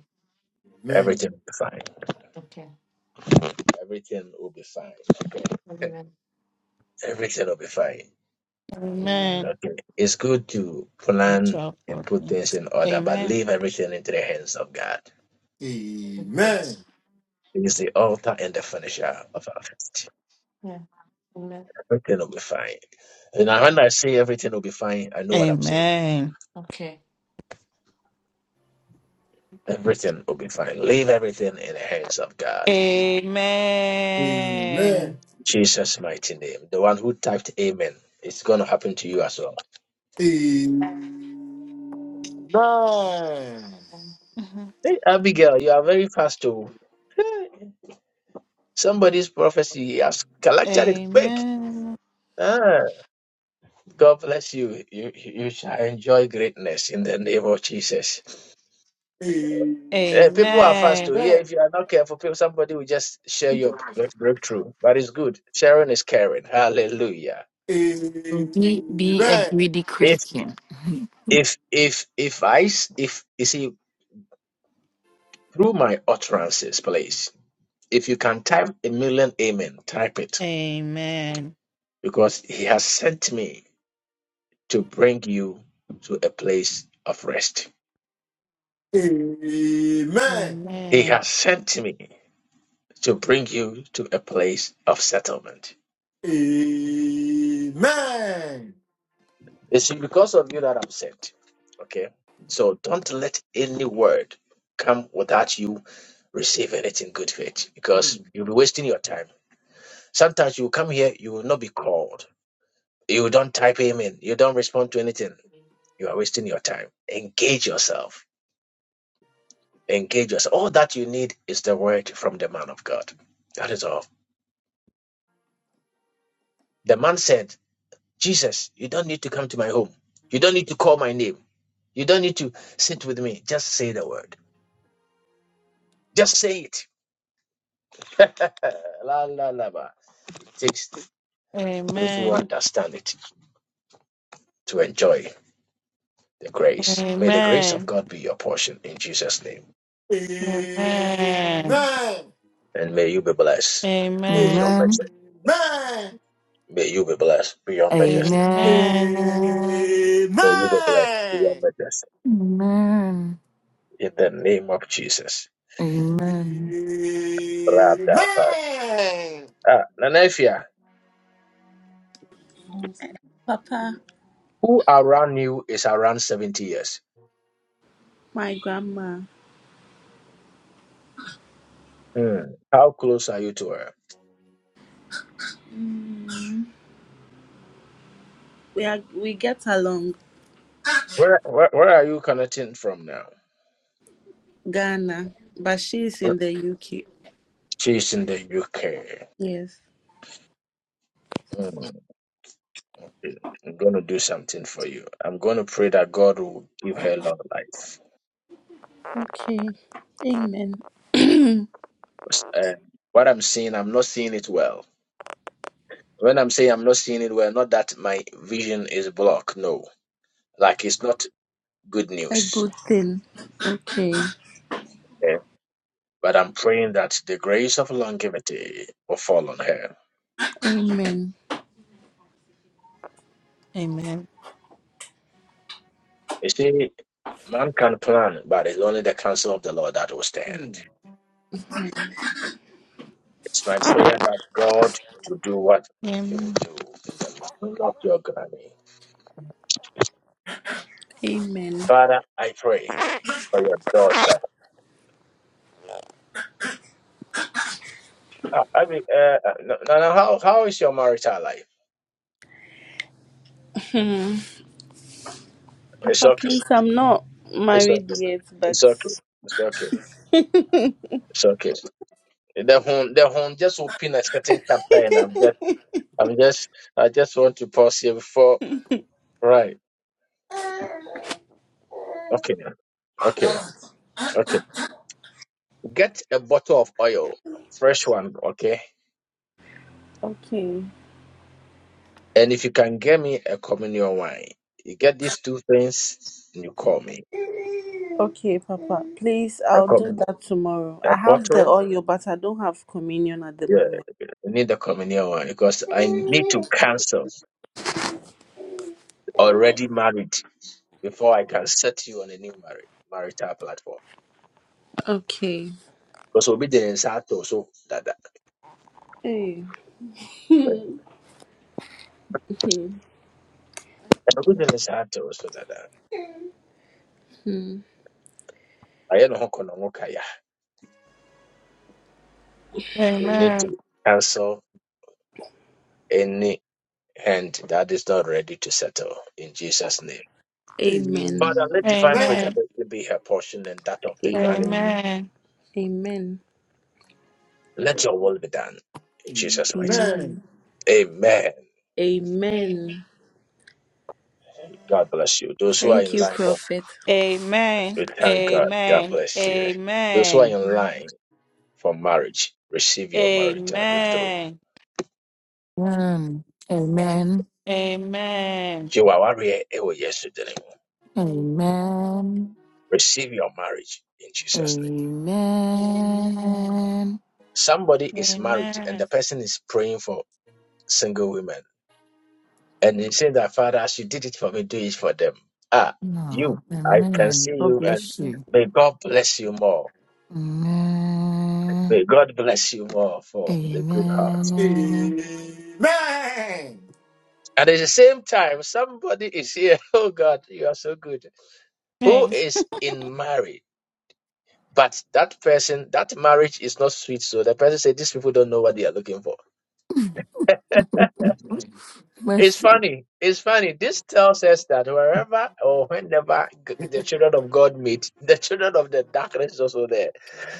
S1: Everything
S2: Amen.
S1: will be fine.
S6: Okay.
S1: Everything will be fine.
S6: Amen.
S1: Everything will be fine.
S6: Amen.
S3: Amen.
S1: Okay. It's good to
S3: That's
S1: plan
S3: all
S1: and
S3: for
S1: put
S3: things.
S1: things in order, but
S3: Amen.
S1: leave everything into the hands of God.
S6: Okay.
S2: Amen.
S1: He is the author and the finisher of our faith.
S6: Yeah. Amen.
S1: Everything will be fine. And now when I say everything will be fine, I know what I'm saying.
S3: Amen.
S6: Okay.
S1: Everything will be fine. Leave everything in the hands of God.
S2: Amen. Amen.
S3: Amen.
S1: Jesus' mighty name. The one who typed Amen. It's going to happen to you as well.
S2: Amen.
S3: Mhm.
S1: Hey, Abigail, you are very fast too. Somebody's prophecy, he has collected it quick.
S3: Amen.
S1: Ah, God bless you. You you shall enjoy greatness in the name of Jesus. Eh, people are fast to
S3: Amen.
S2: Amen.
S1: hear. If you are not careful, people, somebody will just share your break- breakthrough. But it's good. Sharing is caring. Hallelujah.
S4: Be, be a
S2: Amen.
S4: greedy
S1: If
S4: Christian.
S1: if if if I s- if you see through my utterances, please. If you can type a million amen, type it
S3: Amen.
S1: because He has sent me to bring you to a place of rest. He
S3: Amen.
S1: has sent me to bring you to a place of settlement.
S2: Mm.
S1: It's because of you that I'm sent. Okay? So don't let any word come without you receiving it in good faith because you'll be wasting your time. Sometimes you come here, you will not be called. You don't type amen. You don't respond to anything. You are wasting your time. Engage yourself. Engage yourself. All that you need is the word from the man of God. That is all. The man said, Jesus, you don't need to come to my home. You don't need to call my name. You don't need to sit with me. Just say the word. Just say it. la la la. ba. It takes those who
S3: Amen.
S1: understand it to enjoy the grace. May the grace of
S3: Amen.
S1: God be your portion in Jesus' name.
S3: Amen.
S1: And may you be blessed beyond
S3: Amen.
S2: Amen.
S4: Amen.
S1: measure.
S2: Amen.
S1: May you be blessed beyond measure.
S4: Amen.
S3: Amen.
S2: Amen.
S1: May you be blessed beyond measure.
S4: Amen.
S1: In the name of Jesus.
S4: Amen. Amen.
S1: Ra-da-ba.
S2: Amen.
S1: Ah, Nanefia,
S10: Papa,
S1: who around you is around 70 years?
S10: my grandma,
S1: Mm. How close are you to her?
S10: we are we get along
S1: Where, where where are you connecting from now?
S10: Ghana, but she is in the UK.
S1: She's in the UK.
S10: Yes.
S1: Mm. I'm going to do something for you. I'm going to pray that God will give her long life.
S10: Okay. Amen.
S1: Uh, what I'm seeing, I'm not seeing it well. When I'm saying I'm not seeing it well, not that my vision is blocked. No, like it's not good
S10: A
S1: news.
S10: good thing. Okay.
S1: Yeah. But I'm praying that the grace of longevity will fall on her.
S10: Amen.
S3: Amen. Amen.
S1: You see, man can plan, but it's only the counsel of the Lord that will stand. It's my prayer that God will do what He will do in the life of your granny.
S10: Amen.
S1: Father, I pray for your daughter. Uh, I mean, uh, uh, no, no, no, how how is your marital life? It's
S10: Papa,
S1: okay.
S10: please, I'm not
S1: It's
S10: married
S1: okay.
S10: yet, but
S1: It's okay. It's okay. It's okay. The home, the home just open a certain chapter, and I'm just, I'm just, I just want to pause here before. Right. Okay. Okay. Okay. Get a bottle of oil, fresh one. Okay.
S10: okay.
S1: And if you can get me a communion wine, you get these two things and you call me.
S10: Okay, Papa. Please,
S1: A
S10: I'll do
S1: communion,
S10: that tomorrow.
S1: a
S10: I have
S1: bottle,
S10: the oil, but I don't have communion at the
S1: yeah,
S10: moment.
S1: you need a communion wine because I need to cancel already married before I can set you on a new marriage marital platform.
S10: Okay.
S1: Because we'll be the insato so that that.
S10: Hey.
S1: we'll be the insato so that that.
S10: Hmm.
S1: I don't know kaya.
S3: Amen.
S1: You need
S3: Amen.
S1: to cancel any hand that is not ready to settle in Jesus' name.
S10: Amen.
S1: Father, let
S2: Amen.
S1: divine
S2: Amen.
S1: preservation be her portion and that of the granny.
S10: Amen.
S3: Amen. Amen.
S10: Amen.
S1: Let your will be done. In Jesus' mighty
S10: Amen.
S1: name. Amen.
S10: Amen.
S1: God bless you. Those who are
S10: Thank
S1: in
S10: you,
S1: line for
S10: Prophet.
S3: Amen.
S1: we
S3: Amen.
S1: thank God. God
S3: Amen.
S1: bless you. Those who are in line for marriage, receive your marital breakthrough.
S4: Amen. Amen.
S3: Amen. Amen.
S1: Jiwawarie ewo Yesu dinimu.
S4: Amen.
S1: Receive your marriage in Jesus' name.
S4: Amen.
S1: Somebody is married and
S3: Amen.
S1: the person is praying for single women And he said that, Father, as you did it for me, do it for them. Ah, you,
S4: No,
S1: I can see
S4: amen. God
S1: you, and
S4: bless you.
S1: may God bless you more.
S4: Amen.
S1: May God bless you more for the good heart.
S4: Amen.
S2: Amen.
S1: And at the same time, somebody is here, oh God, you are so good, who is in marriage. But that person, that marriage is not sweet. So the person said, These people don't know what they are looking for. It's
S4: Mercy,
S1: funny. It's funny. This tells us that wherever or whenever g- the children of God meet, the children of the darkness is also there.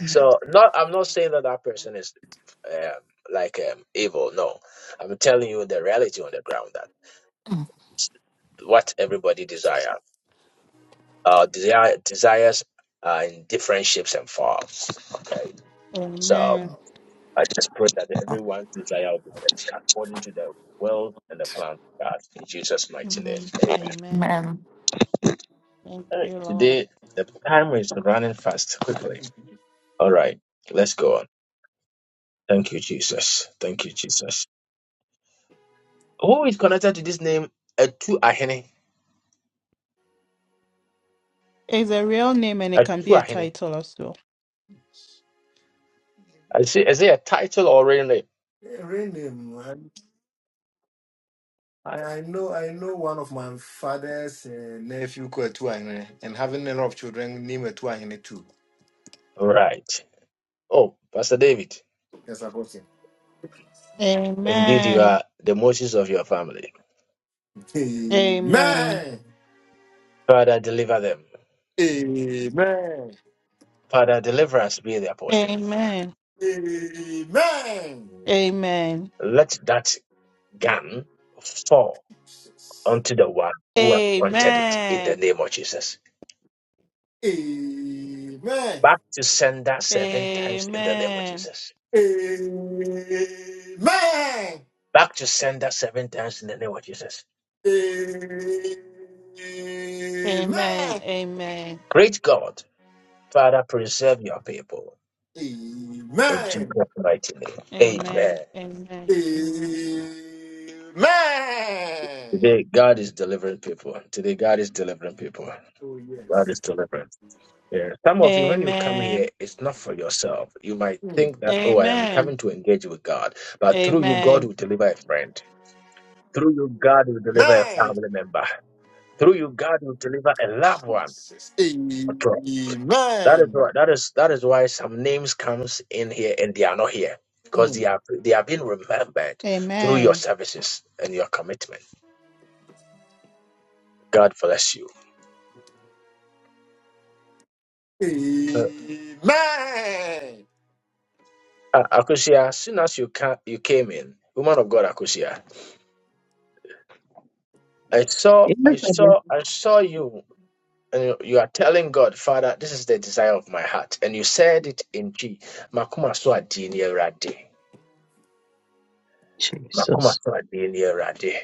S1: So, not I'm not saying that that person is um, like um, evil. No, I'm telling you the reality on the ground that what everybody desire, uh, desire desires are in different shapes and forms. Okay, so I just pray that everyone's desire will be met according to the will and the plan of God in Jesus' mighty
S3: Amen.
S1: name.
S3: Amen.
S4: man.
S3: Thank
S1: Alright,
S3: you, Lord.
S1: Today, the time is running fast quickly. All right, let's go on. Thank you, Jesus. Thank you, Jesus. Who is connected to this name? Etu Ahene.
S3: It's a real name and it can be
S1: Etu
S3: a
S1: Ahene.
S3: title as well.
S1: I see, is it a title or real name?
S2: Hearing him, man. I, I know I know one of my father's uh, nephew called Tuahine and having a lot of children named Tuahine too.
S1: All right. Oh, Pastor David,
S2: Yes, I got him.
S1: indeed you
S3: Amen.
S1: are the Moses of your family.
S3: Amen.
S2: Amen.
S1: Father, deliver them.
S2: Amen.
S1: Father, deliver us be their portion.
S3: Amen.
S2: Amen.
S3: Amen.
S1: Let that gun fall onto the one who has wanted it in the
S3: Amen.
S1: name of Jesus.
S2: Amen.
S1: Back to sender seven times in the name of
S3: Amen.
S1: Jesus.
S2: Amen.
S1: Back to sender seven times in the name of Jesus.
S2: Amen.
S3: Amen. Amen. Amen.
S1: Great God, Father, preserve your people. In Jesus'
S2: Amen.
S1: mighty name. Amen.
S3: Amen. Amen. Amen.
S2: Amen.
S1: Today, God is delivering people. Today, God is delivering people.
S2: Oh,
S1: God
S2: yes.
S1: is delivering. Yeah. Some of you, when you come here, it's not for yourself. You might think that, oh,
S3: Amen.
S1: I am
S3: Amen.
S1: coming to engage with God. But through you, God
S3: Amen.
S1: will deliver a friend. Through you, God will deliver a
S2: Amen.
S1: family member. Through you, God will deliver a loved one.
S2: Jesus. Amen.
S1: That is why that is that is why some names comes in here and they are not here because
S2: Mm.
S1: they are they are being remembered through your services and your commitment. God bless you, uh,
S2: Amen.
S1: uh, Akusia. As soon as you ca- you came in, woman of God, Akusia, I saw
S11: In the
S1: I
S11: name
S1: saw I saw you. And you you are telling God, Father, this is the desire of my heart, and you said it in G. Makuma so adi erade.
S11: of
S1: Makuma
S11: Jesus.
S1: so adi erade.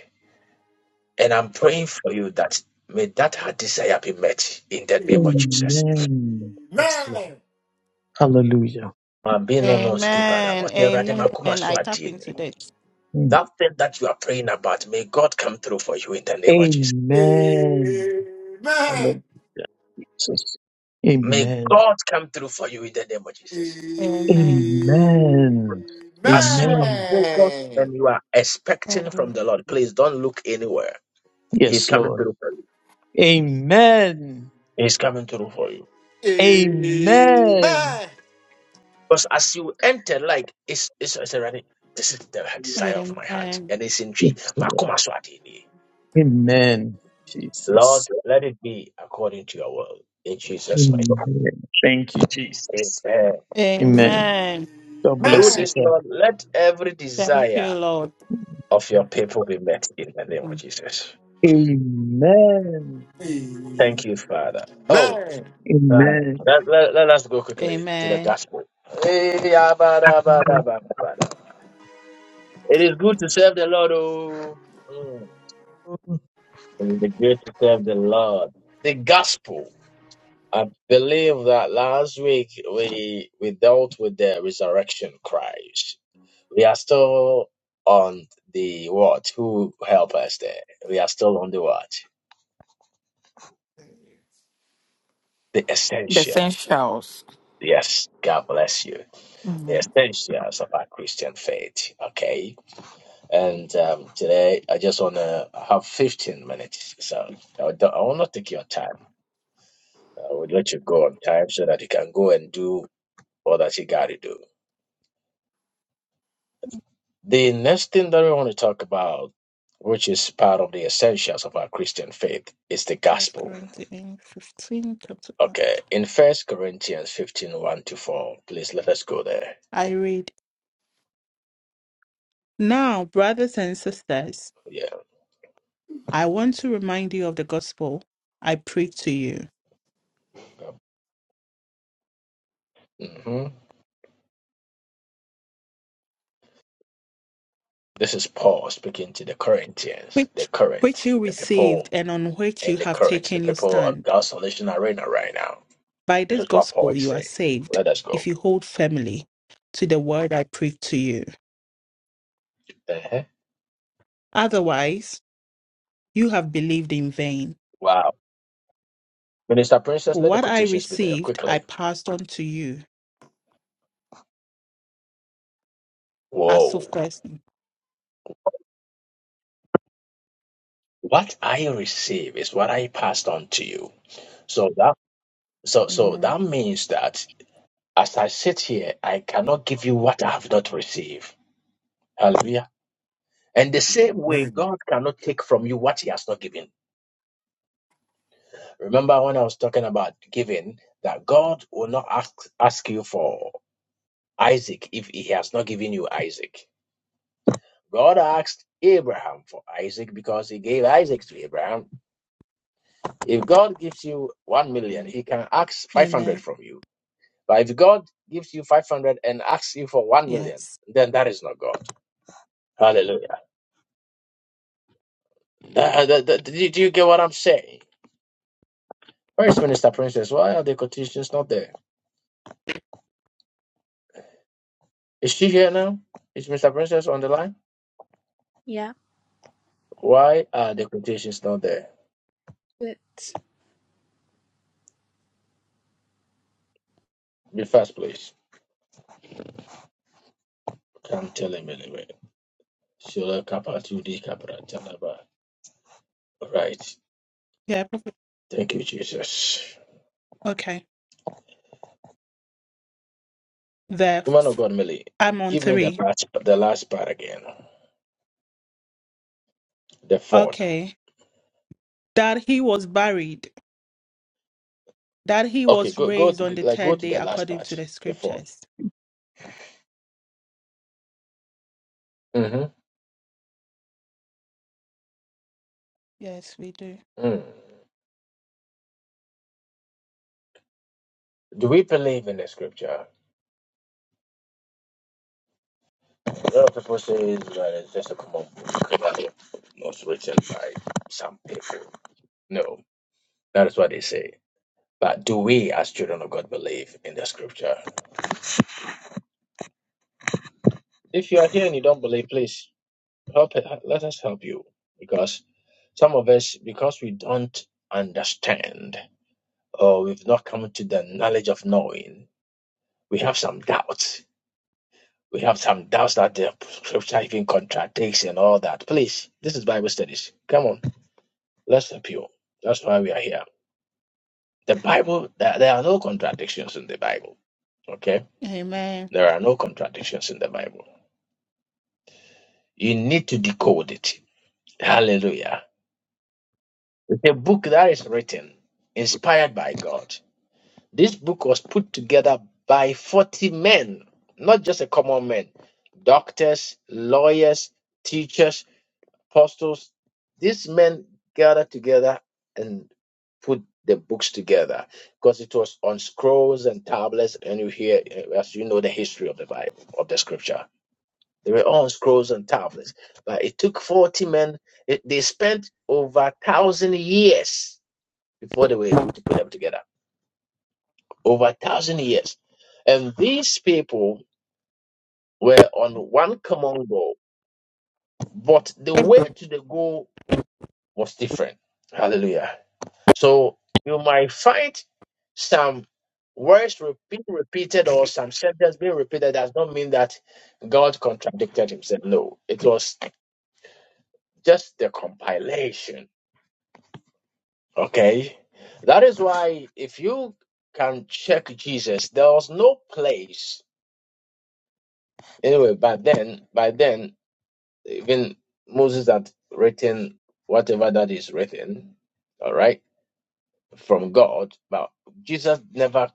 S1: And I'm praying for you that may that heart desire be met in the name of Jesus.
S11: Amen. Yes, Lord.
S2: Amen.
S11: Hallelujah.
S1: I'm being on no skipper now,
S3: Amen.
S1: but here, Radhe,
S3: Amen.
S1: Makuma
S3: And I tap into
S1: Swatini.
S3: this.
S11: Mm.
S1: That thing that you are praying about, may God come through for you in the name of Jesus.
S11: Amen.
S2: Amen.
S11: Hallelujah. Jesus.
S1: May
S11: Amen.
S1: God come through for you in the name of
S2: Amen.
S1: Jesus.
S3: Amen.
S11: Amen.
S1: As you are
S11: Amen.
S1: focused
S2: Amen.
S1: and you are expecting from
S3: Amen.
S1: the Lord, please don't look anywhere. He's
S11: Yes,
S1: coming
S11: Lord.
S1: through for you.
S11: Amen.
S1: He's coming through for you.
S2: Amen. Amen.
S11: Amen.
S1: Because as you enter, like it's it's, it's already this is the desire of my heart.
S3: Amen.
S1: And it's in tree.
S11: Yes, Lord.
S1: Makuma Swatini.
S11: Amen. Jesus.
S1: Lord, let it be according to your will. In Jesus'
S11: Amen. Thank you,
S1: name.
S11: Jesus.
S1: Amen.
S11: Amen.
S3: Amen.
S11: God
S1: Through
S11: bless you.
S1: this,
S11: sir.
S1: Lord, let every
S3: Thank you,
S1: desire
S3: Lord.
S1: of your people be met in the name of Jesus.
S11: Amen.
S2: Amen.
S1: Thank you, Father. Oh, uh,
S11: Amen.
S1: let, let, let us go quickly to the
S3: Amen.
S1: gospel. Eh, ah, ba, da, ba, da, ba, da, ba, da. It is good to serve the Lord. Oh. Mm.
S11: I
S1: It is good to serve the Lord. The gospel. I believe that last week we we dealt with the resurrection Christ. We are still on the watch. Who help us there? We are still on the watch. The
S4: The
S1: essential.
S4: essentials.
S1: Yes, God bless you. The
S4: Mm.
S1: essentials of our Christian faith. Okay. And um, today I just want to have 15 minutes. So I, don't, I will not take your time. I will let you go on time so that you can go and do all that you got to do. The next thing that we want to talk about, which is part of the essentials of our Christian faith, is the
S3: First
S1: gospel.
S3: Corinthians 15, chapter 1.
S1: Okay, in First Corinthians fifteen one to 4, please let us go there.
S3: I read, Now, brothers and sisters,
S1: Yeah.
S3: I want to remind you of the gospel I preached to you,
S1: hmm This is Paul speaking to the Corinthians, the
S3: which, which
S1: current,
S3: you
S1: the people
S3: received and on which you
S1: in the
S3: have
S1: current, the
S3: taken your
S1: people on
S3: stand.
S1: God's salvation arena right now.
S3: By
S1: This
S3: this
S1: is what Paul
S3: gospel
S1: is
S3: you are
S1: saying.
S3: saved,
S1: Let us
S3: if
S1: go.
S3: you hold firmly to the word I preached to you.
S1: Uh-huh.
S3: Otherwise, you have believed in vain.
S1: Wow. Minister Princess,
S3: For
S1: let the
S3: what I
S1: quotations be there
S3: received, I
S1: quickly.
S3: passed on to you as of
S1: Whoa.
S3: first.
S1: What I receive is what I passed on to you. So that so so
S3: Amen.
S1: that means that as I sit here, I cannot give you what I have not received. Hallelujah. And the same way,
S2: Amen.
S1: God cannot take from you what He has not given. Remember when I was talking about giving, that God will not ask, ask you for Isaac if He has not given you Isaac. God asked Abraham for Isaac because He gave Isaac to Abraham. If God gives you one million,
S3: Mm.
S1: He can ask
S3: Amen.
S1: 500 from you. But if God gives you 500 and asks you for one million,
S3: Yes.
S1: then that is not God. Hallelujah. Uh, uh, uh, do do you get what I'm saying? Where is Minister Princess? Why are the quotations not there? Is she here now? Is Mr. Princess on the line?
S12: Yeah,
S1: Why are the quotations not there?
S12: but
S1: Be fast, please. Can't tell him anyway. Shola kapa tu di kapra talaba. Right.
S3: Yeah.
S1: Thank you, Jesus.
S3: Okay. The
S1: Woman of
S3: f-
S1: God, Millie,
S3: I'm on
S1: give me the
S3: three.
S1: last, the last part again. The fourth.
S3: Okay. That he was buried. That he
S1: Okay,
S3: was
S1: go go
S3: raised
S1: to,
S3: on the
S1: like go
S3: third
S1: to
S3: day
S1: the last
S3: according to
S1: part.
S3: the
S1: The 4th
S3: scriptures.
S1: Mm-hmm.
S3: Yes, we do.
S1: Mm. Do we believe in the scripture? A lot of people say Israel is just a common book, was written by some people. No, that is what they say. But do we, as children of God, believe in the scripture? If you are here and you don't believe, please help. Let us help you, because some of us, because we don't understand or we've not come to the knowledge of knowing, we have some doubts. We have some doubts that the scripture even contradicts and all that. Please, this is Bible studies. Come on. Let's be pure. That's why we are here. The Bible, there, there are no contradictions in the Bible. Okay?
S3: Amen.
S1: There are no contradictions in the Bible. You need to decode it. Hallelujah. It's a book that is written, inspired by God. This book was put together by 40 men, not just a common man, doctors, lawyers, teachers, apostles, these men gathered together and put the books together because it was on scrolls and tablets. And you hear, eh, as you know, the history of the Bible, of the scripture. They were on scrolls and tablets. But it took 40 men, it, they spent over a thousand years before they were able to put them together. Over a thousand years. And these people were on one common goal, but the way to the goal was different. Hallelujah. So you might find some words re- being repeated or some sentences being repeated does not mean that God contradicted himself. No, it was just the compilation. Okay. That is why if you can check Jesus, there was no place. Anyway, by then, by then, even Moses had written whatever that is written, all right, from God, but Jesus never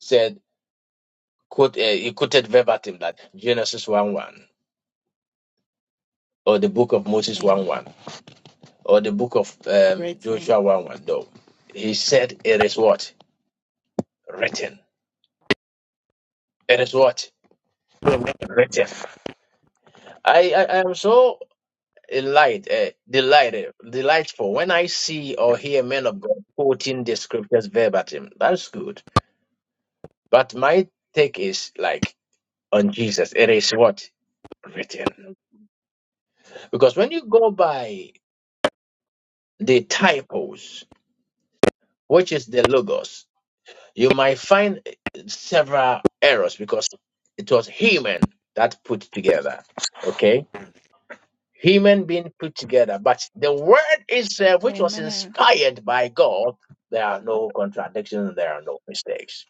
S1: said quote, uh, he quoted verbatim that Genesis 1 1 or the book of Moses
S3: Amen.
S1: 1 1 or the book of um,
S3: Written.
S1: Joshua 1 1. No, he said it is what? Written. It is what? Written. I, I, I am so delight, uh, delighted, delightful when I see or hear men of God quoting the scriptures verbatim. That's good. But my take is like on Jesus, it is what? Written. Because when you go by the typos, which is the logos. You might find several errors because it was human that put together. Okay? Human being put together. But the word itself, which was
S3: Amen.
S1: inspired by God, there are no contradictions, there are no mistakes.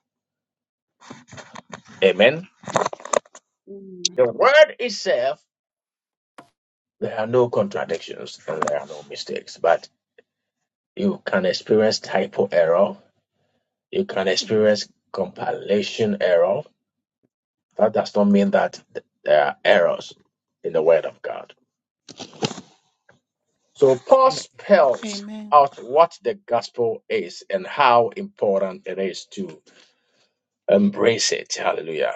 S1: Amen. The word itself, there are no contradictions and there are no mistakes. But you can experience typo error, you can
S3: Amen.
S1: experience compilation error. That does not mean that th- there are errors in the Word of God. So Paul
S3: Amen.
S1: spells
S3: Amen.
S1: out what the gospel is and how important it is to embrace it. Hallelujah.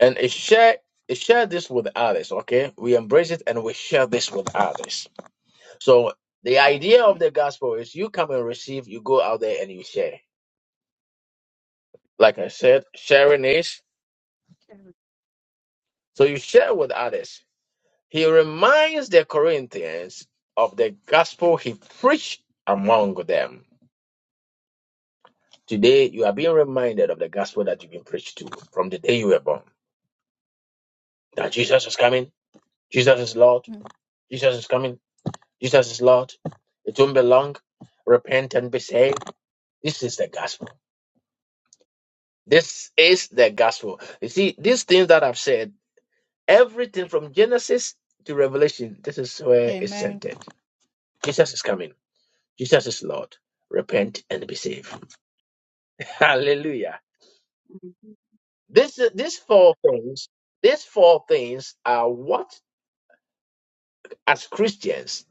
S1: And it share it share this with others, okay? We embrace it and we share this with others. So the idea of
S3: Amen.
S1: the gospel is you come and receive, you go out there and you share. Like I said, sharing is so you share with others. He reminds the Corinthians of the gospel he preached among them Today, you are being reminded of the gospel that you've been preached to from the day you were born. That Jesus is coming. Jesus is Lord. Jesus is coming. Jesus is Lord. It won't be long. Repent and be saved. This is the gospel. This is the gospel. You see, these things that I've said, everything from Genesis to Revelation, this is where it's
S3: Amen.
S1: centered. Jesus is coming. Jesus is Lord. Repent and be saved. Hallelujah. This, these four things, these four things are what as Christians,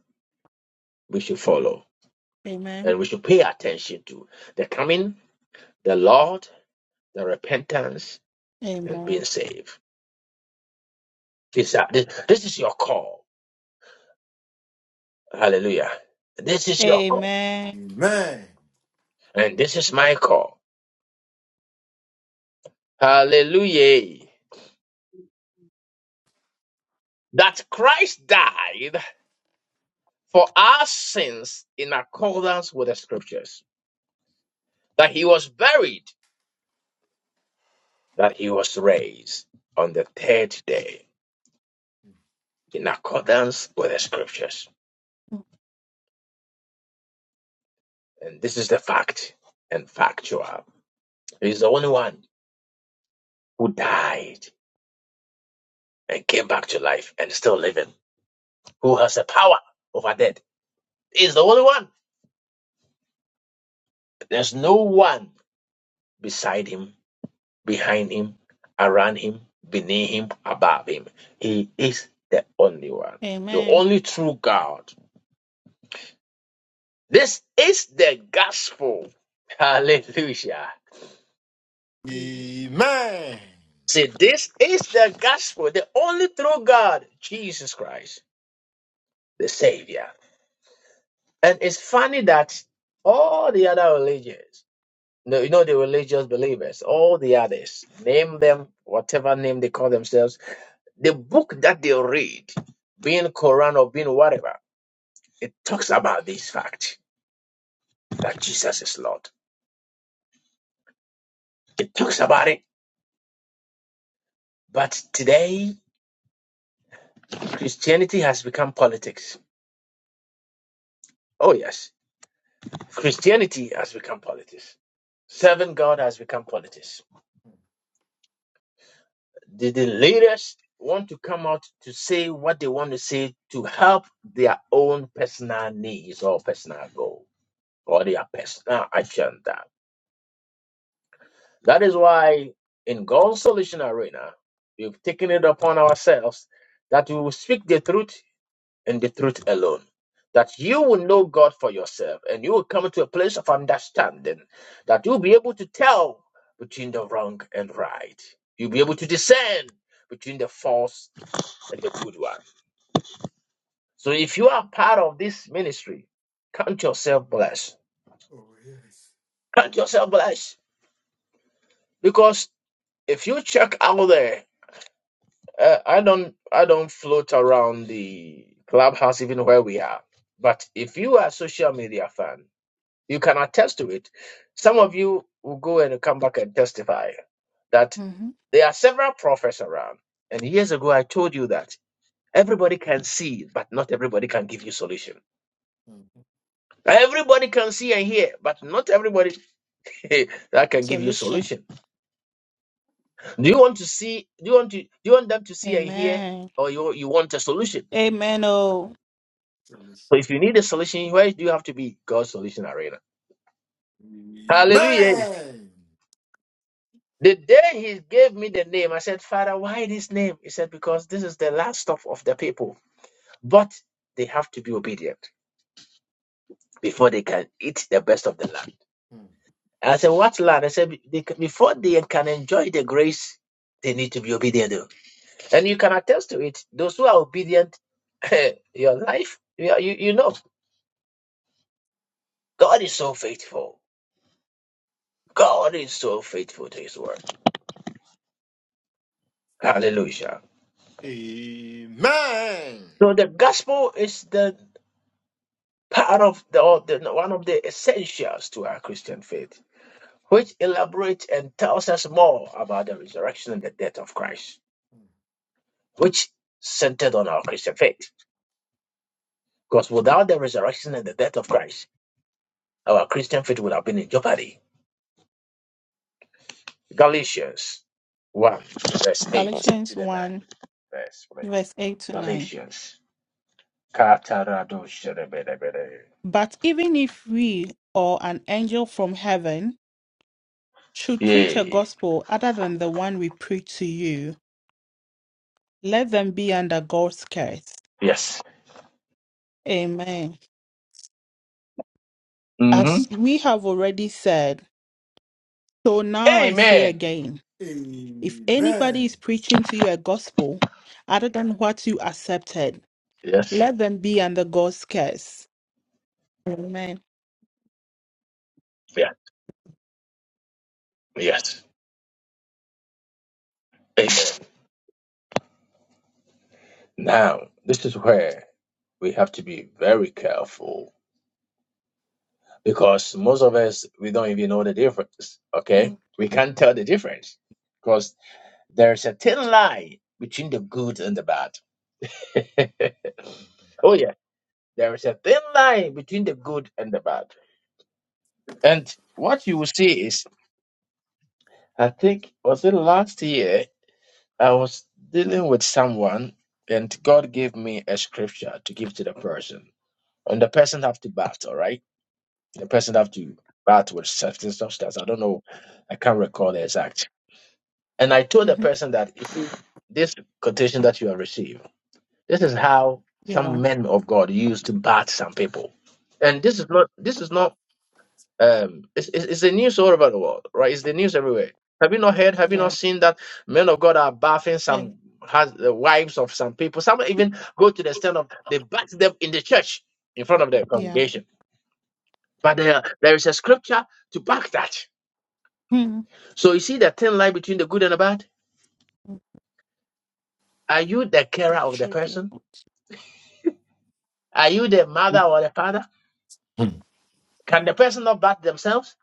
S1: we should follow and we should pay attention to the coming, the Lord, the repentance, and
S3: Amen.
S1: being saved. These are, this, this is your call. Hallelujah. This is your call.
S3: Amen.
S2: Amen.
S1: And this is my call. Hallelujah. That Christ died for our sins in accordance with the scriptures, that he was buried, that he was raised on the third day in accordance with the scriptures. And this is the fact and factual. He's the only one who died and came back to life and still living, who has the power over death. He's the only one. There's no one beside him, behind him, around him, beneath him, above him. He is the only one, the
S3: Amen.
S1: only true God. This is the gospel. Hallelujah.
S2: Amen.
S1: See, this is the gospel, the only true God, Jesus Christ, the Savior. And it's funny that all the other religions, no, you know, the religious believers, all the others, name them whatever name they call themselves, the book that they read, being Quran or being whatever, it talks about this fact that Jesus is Lord. It talks about it, but today Christianity has become politics. Oh yes, Christianity has become politics. Serving God has become politics the, the leaders want to come out to say what they want to say to help their own personal needs or personal goal or their personal agenda. That is why in God's Solution Arena, we've taken it upon ourselves that we will speak the truth and the truth alone. That you will know God for yourself and you will come to a place of understanding that you'll be able to tell between the wrong and right. You'll be able to discern between the false and the good one. So if you are part of this ministry, count yourself blessed.
S2: Oh, yes.
S1: Count yourself blessed because if you check out there, uh, I don't I don't float around the clubhouse even where we are. But if you are a social media fan, you can attest to it. Some of you will go and come back and testify that
S3: hmm
S1: there are several prophets around. And years ago, I told you that everybody can see, but not everybody can give you solution.
S2: Mm.
S1: Everybody can see and hear, but not everybody that can give you
S3: Solution.
S1: solution. Do you want to see? Do you want to? Do you want them to see and hear,
S3: Amen.
S1: or you you want a solution?
S3: Amen. Oh,
S2: So
S1: So
S2: listen.
S1: if you need a solution, where do you have to be? God's solution arena. Hallelujah.
S2: Amen.
S1: The day he gave me the name, I said, Father, why this name? He said, because this is the last stop of the people, but they have to be obedient before they can eat the best of the land.
S2: Mm.
S1: And I said, what land? I said, "Be- they can- before they can enjoy the grace, they need to be obedient. And you can attest to it. Those who are obedient, your life, you, you you know, God is so faithful. God is so faithful to his word. Hallelujah.
S2: Amen.
S1: So the gospel is the part of the, or the one of the essentials to our Christian faith, which elaborates and tells us more about the resurrection and the death of Christ, which centered on our Christian faith. Because without the resurrection and the death of Christ, our Christian faith would have been in jeopardy. Galatians 1, verse 8 to
S3: Galatians
S1: the 9th
S3: 1,
S1: verse, please.
S3: verse 8 to 9.
S1: Galatians. Katarado sherebelebele.
S3: But even if we or an angel from heaven should preach a
S1: Yay.
S3: gospel other than the one we preach to you, let them be under God's curse.
S1: Yes.
S3: Amen.
S1: hmm
S3: As we have already said, so now I say
S1: Amen.
S3: again if anybody
S2: Amen.
S3: is preaching to you a gospel other than what you accepted,
S1: Yes.
S3: let them be under God's curse. Amen.
S1: Yeah. Yes. Amen. Now, this is where we have to be very careful because most of us, we don't even know the difference. Okay.
S3: Mhm.
S1: We can't tell the difference because there's a thin line between the good and the bad. Oh yeah. There is a thin line between the good and the bad. And what you will see is, I think, was it last year, I was dealing with someone and God gave me a scripture to give to the person. And the person have to bat, all right? The person have to bat with certain substance. I don't know. I can't recall the exact. And I told the
S3: Mhm.
S1: person that if you see, this quotation that you have received, this is how some
S3: Yeah.
S1: men of God used to bat some people. And this is not this is not um it's, it's, it's the news all over the world right it's the news everywhere have you not heard have you not
S3: Yeah.
S1: seen that men of god are bathing
S3: And
S1: some has the wives of some people some even go to the extent of they bath them in the church in front of their
S3: yeah.
S1: congregation but there there is a scripture to back that so you see the thin line between the good and the bad
S3: Mhm.
S1: are you the carer
S3: They
S1: of the
S3: should be
S1: person
S3: able to.
S1: are you the mother or the father
S2: Mm.
S1: can the person not bath themselves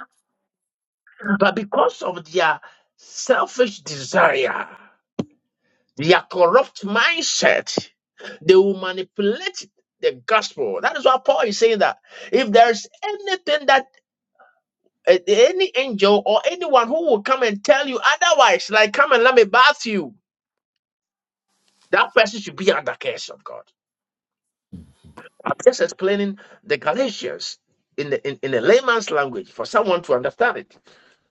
S1: but because of their selfish desire Their corrupt mindset, they will manipulate the gospel. That is why Paul is saying that if there's anything that uh, any angel or anyone who will come and tell you otherwise, like come and let me bath you, that person should be under curse of God. I'm just explaining the Galatians in the in, in a layman's language for someone to understand it,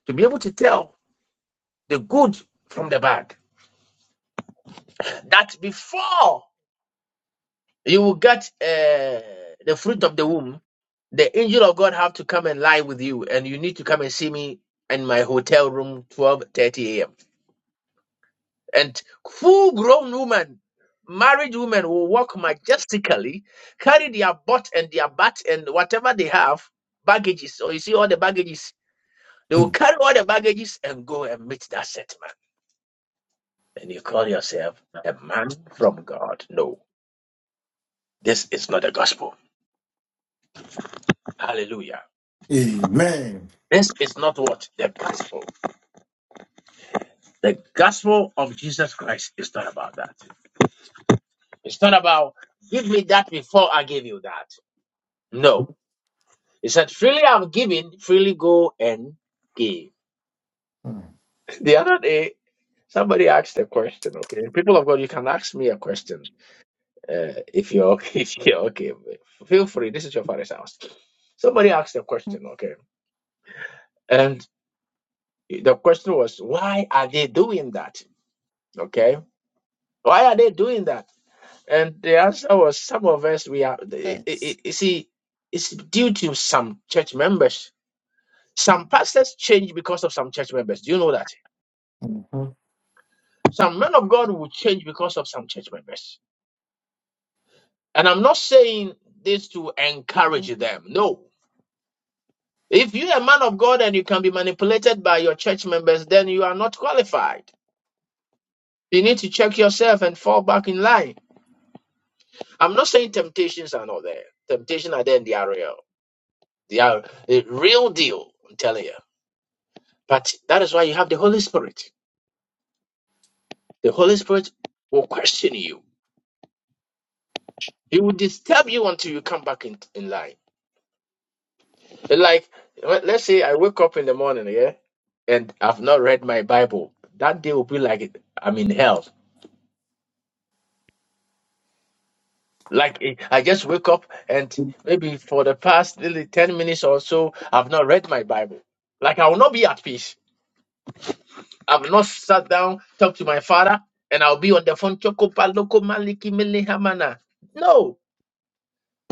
S1: to be able to tell the good from the bad. That before You will get uh, the fruit of the womb. The angel of God have to come and lie with you, and you need to come and see me in my hotel room, 12:30 a.m. And full-grown woman, married woman, will walk majestically, carry their butt and their butt and whatever they have, baggages. So you see all the baggages. They will carry all the baggages and go and meet that set man. And you call yourself a man from God. No, this is not the gospel. Hallelujah.
S2: Amen.
S1: This is not what the gospel. The gospel of Jesus Christ is not about that. It's not about give me that before I give you that. No. He said, freely I've given, freely go and give. The other day, somebody asked a question, okay? People of God, you can ask me a question uh, if you're okay. If you're okay. Feel free. This is your father's house. Somebody asked a
S3: Mhm.
S1: question, okay? And the question was, why are they doing that? Okay? Why are they doing that? And the answer was some of us, we are, the- i-
S3: Yes.
S1: you see, it's due to some church members. Some pastors change because of some church members. Do you know that?
S2: Mm.
S1: Some men of God will change because of some church members. And I'm not saying this to encourage them. No. If you're a man of God and you can be manipulated by your church members, then you are not qualified. You need to check yourself and fall back in line. I'm not saying temptations are not there. Temptations are there and they are real. They are a real deal. I'm telling you. But that is why you have the Holy Spirit. The Holy Spirit will question you. He will disturb you until you come back in, in line. Like, let- let's say I wake up in the morning, yeah, and I've not read my Bible. That day will be like it- I'm in hell. Like, eh, I just wake up and maybe for the past nearly 10 minutes or so, I've not read my Bible. Like, I will not be at peace. I've not sat down, talked to my father, and I'll be on the phone. "Chokopa loko maliki mele hamana." No.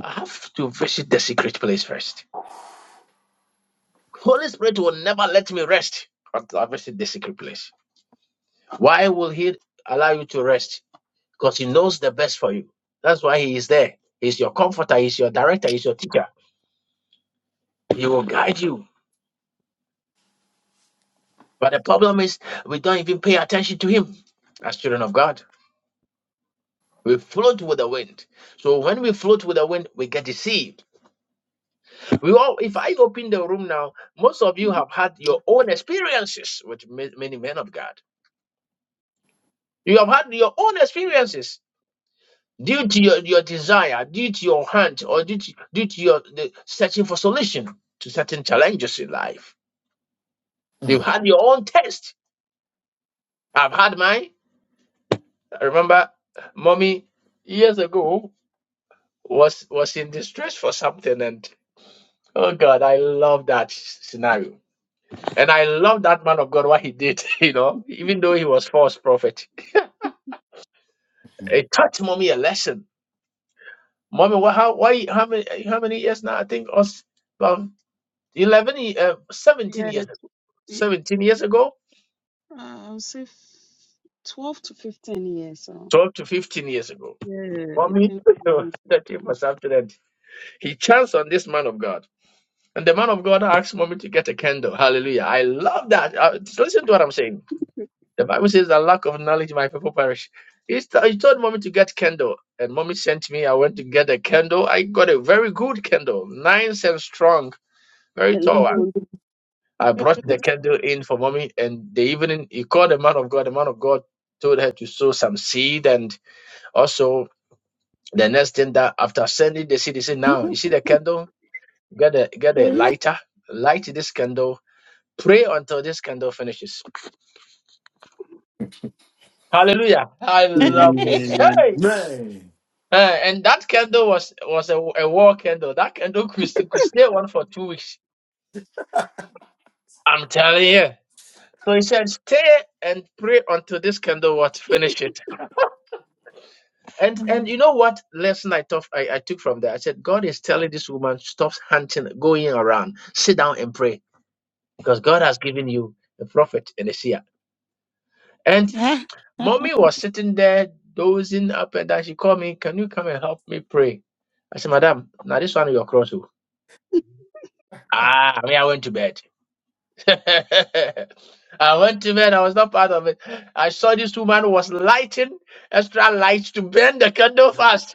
S1: I have to visit the secret place first. Holy Spirit will never let me rest until I visit the secret place. Why will He allow you to rest? Because He knows the best for you. That's why He is there. He's your comforter, He's your director, He's your teacher. He will guide you. But the problem is, we don't even pay attention to Him as children of God. We float with the wind. So when we float with the wind, we get deceived. We all, if I open the room now, most of you have had your own experiences with ma- many men of God You have had your own experiences due to your, your desire, due to your hunt, or due to, due to your the searching for solution to certain challenges in life. You've had your own test. I've had mine. I remember mommy years ago was was in distress for something and oh god i love that scenario and i love that man of god what he did you know even though he was false prophet it taught mommy a lesson mommy what how why how many how many years now i think us about 11, ye- uh, 17
S7: Yeah,
S1: years ago.
S7: tw- y-
S1: 17 years ago,
S7: uh, I'll say f- 12 to 15 years. So,
S1: 12 to 15 years ago.
S7: yeah,
S1: Mommy
S7: between 12
S1: was
S7: and
S1: searching
S7: 15.
S1: for something and he chanced on this man of God. And the man of God asked mommy to get a candle. Hallelujah. I love that. Uh, just listen to what I'm saying. The Bible says that lack of knowledge, my people perish. He, st- he told mommy to get candle. And mommy sent me. I went to get a candle. I got a very good candle, nice and strong, very tall one.
S7: Alone.
S1: I brought
S2: Mm.
S1: the candle in for mommy, and the evening he called the man of God. The man of God told her to sow some seed, and also the next thing that after sending the seed, he said, "Now you see the candle, get a get a
S3: Amen.
S1: lighter, light this candle, pray until this candle finishes." Hallelujah! I love this.
S2: Amen.
S1: Hey. Uh, and that candle was was a, a war candle. That candle could, it could stay on for two weeks. I'm telling you. So he said, stay and pray until this candle was finished. And and you know what lesson I took I, I took from that? I said, God is telling this woman, stop hunting, going around, sit down and pray. Because God has given you a prophet and a seer. And
S3: Ah,
S1: mommy was sitting there dozing up and down. She called me, Can you come and help me pray? I said, Madam, now this one you're cross. oh." Ah, I mean I went to bed. I went to bed, I was not part of it. I saw this woman was lighting extra lights to burn the candle fast.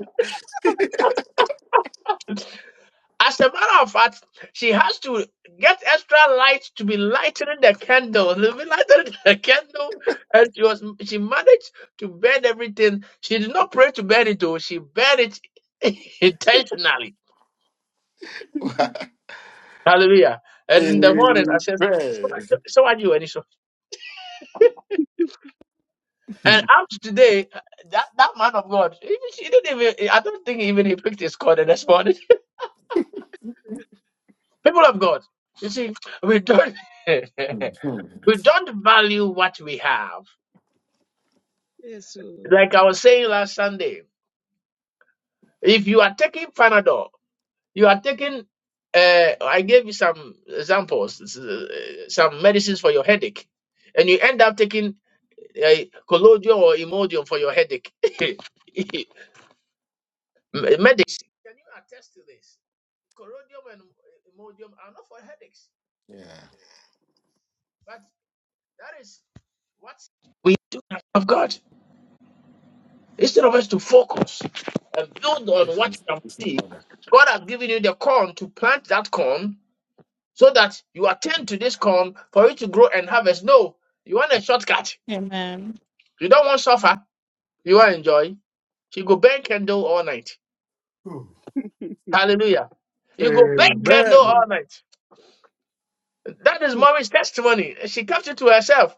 S1: As a matter of fact, she has to get extra light to be lightening the candle. To be lightening the candle, and she was she managed to burn everything. She did not pray to burn it though. She burned it intentionally. Hallelujah! And in the morning, I
S2: Amen.
S1: said, "So, so are you, Anisha?" And up to today, that that man of God, even she didn't even. I don't think even he picked his card this morning. People of God, you see, we don't we
S2: yeah.
S1: don't value what we have
S7: Yes. oh.
S1: Like I was saying last Sunday, if you are taking Panadol, you are taking. Uh, I gave you some examples, s- uh, some medicines for your headache, and you end up taking uh, collodion or Imodium for your headache. M- Medics, can you attest to this? Collodium and Imodium are not for headaches, but that is what we do have of God. Instead of us to focus and build on what you can
S2: It's me,
S1: see,
S2: brother.
S1: God has given you the corn to plant that corn so that you attend to this corn for it to grow and harvest. No, you want a shortcut.
S3: Amen.
S1: You don't want suffer. You want enjoy. You go burn candle all night.
S2: Whew.
S1: Hallelujah. You go burn candle
S2: Amen.
S7: Mhm.
S1: all night. That is Mommy's testimony. She kept it to herself.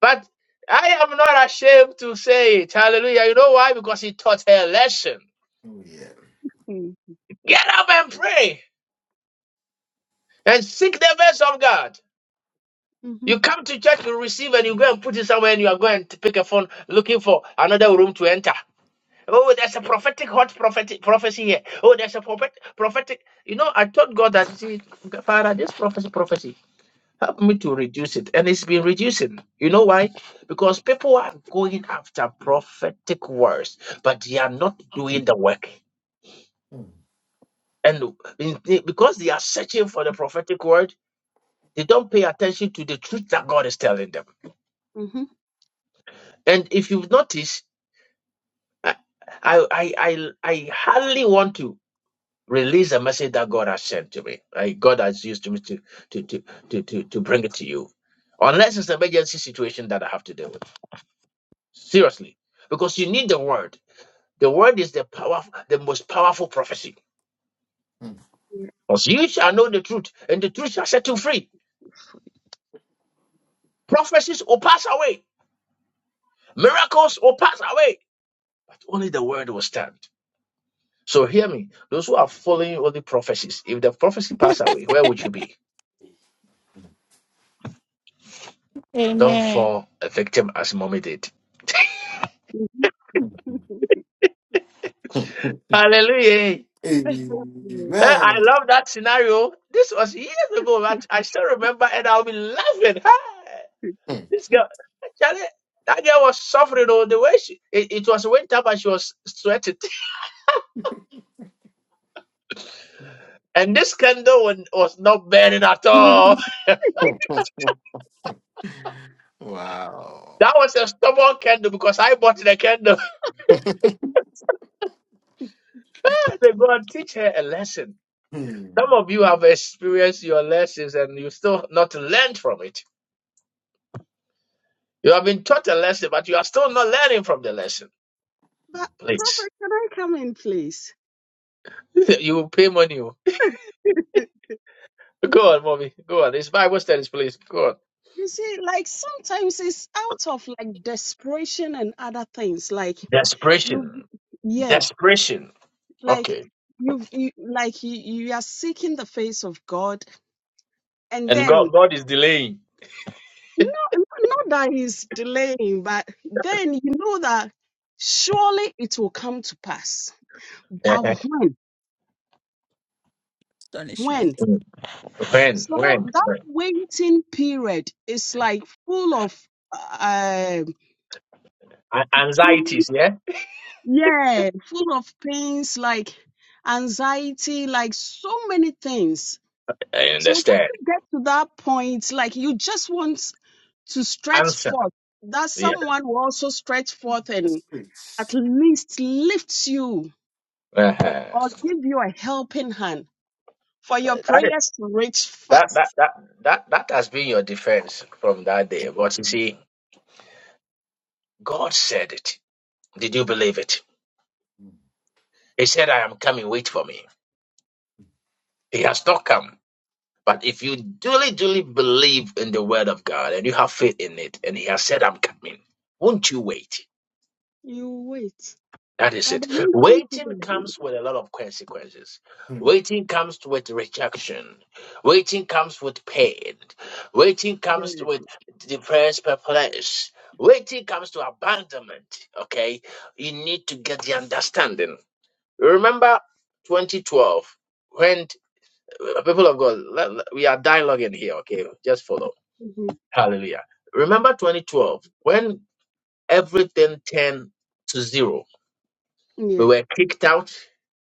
S1: But I am not ashamed to say it. Hallelujah. You know why? Because he taught her a lesson.
S2: Oh, yeah.
S1: Get up and pray. and seek the face of God.
S7: Mhm.
S1: You come to church, you receive, and you go and put it somewhere, and you are going to pick a phone looking for another room to enter. Oh, there's a prophetic hot prophetic prophecy here. Oh, there's a prophet, prophetic. You know, I told God that, see, Father, this prophecy, prophecy, help me to reduce it, and it's been reducing. You know why? Because people are going after prophetic words, but they are not doing the work.
S2: Mm,
S1: And in- because they are searching for the prophetic word, they don't pay attention to the truth that God is telling them.
S7: Mhm.
S1: And if you've noticed, I, I, I, I hardly want to release a message that God has sent to me. Like God has used to me to, to, to, to, to, to bring it to you. Unless it's an emergency situation that I have to deal with. Seriously. Because you need the word. The word is the power, the most powerful prophecy.
S2: mm.
S7: Yeah.
S1: Because you shall know the truth, and the truth shall set you free. Prophecies will pass away. Miracles will pass away. But only the word will stand. So hear me. Those who are following all the prophecies, if the prophecy pass away, where would you be? Don't
S3: Amen.
S1: fall a victim as mommy did. Hallelujah.
S7: Mhm.
S1: Eh, I
S2: Amen.
S1: love that scenario. This was years ago,
S7: But
S1: but I still remember and I'll be laughing. Hey,
S2: Mm.
S1: this girl, actually, that girl was suffering all the way. She, it, it was winter, but she was sweating. And this candle wa- was not burning at all.
S2: Wow.
S1: That was a stubborn candle because I bought the candle. They go and teach her a lesson.
S2: Mm.
S1: Some of you have experienced your lessons and you still not learned from it. You have been taught a lesson, but you are still not learning from the lesson. Please.
S7: Prophet, can I come in, please?
S1: you will pay money. oh. Go on, mommy. Go on. It's Bible studies, please. Go on.
S7: You see, like sometimes it's out of like desperation and other things. Like you,
S1: Desperation.
S7: yeah,
S1: Desperation.
S7: like
S1: Okay.
S7: you've, you, like you, you are seeking the face of God, and
S1: And
S7: then
S1: God God is delaying.
S7: no, not not that He's delaying, but then you know that surely it will come to pass. But when,
S3: Astonishment.
S7: when?
S1: Uh-huh. Mm. When?
S7: So
S1: When?
S7: that
S1: When?
S7: waiting period is like full of um
S1: A- anxieties, yeah?
S7: Yeah, full of pains, like anxiety, like so many things.
S1: I
S7: So when
S1: understand.
S7: you get to that point, like you just want to stretch
S1: Answer.
S7: forth, that
S1: Yeah.
S7: someone will also stretch forth and
S2: That's
S7: at
S2: rich.
S7: least lift you
S1: Uh-huh. That,
S7: or give you a helping hand for your
S1: is-
S7: prayers to reach
S1: that, that,
S7: fast.
S1: that, that, that has been your defense from that day. But you see, God said it. Did you believe it?
S2: Mm,
S1: He said, I am coming, wait for me. He has not come. But if you duly, duly believe in the word of God and you have faith in it, and He has said, I'm coming, won't you wait?
S7: You wait.
S1: That is
S7: But the
S1: it.
S7: waiting
S1: Waiting
S7: period, oh,
S1: comes with a lot of consequences.
S2: mm,
S1: Waiting comes with rejection. Waiting comes with pain. Waiting comes
S7: yeah,
S1: with depressed, perplexed. Waiting comes to abandonment. Okay? You need to get the understanding. Remember 2012 when uh, people of God, let- let- we are dialoguing here, okay? Just follow.
S7: mhm,
S1: Hallelujah. Remember
S7: mhm.
S1: 2012 when everything turned to zero.
S7: yeah,
S1: We were kicked out,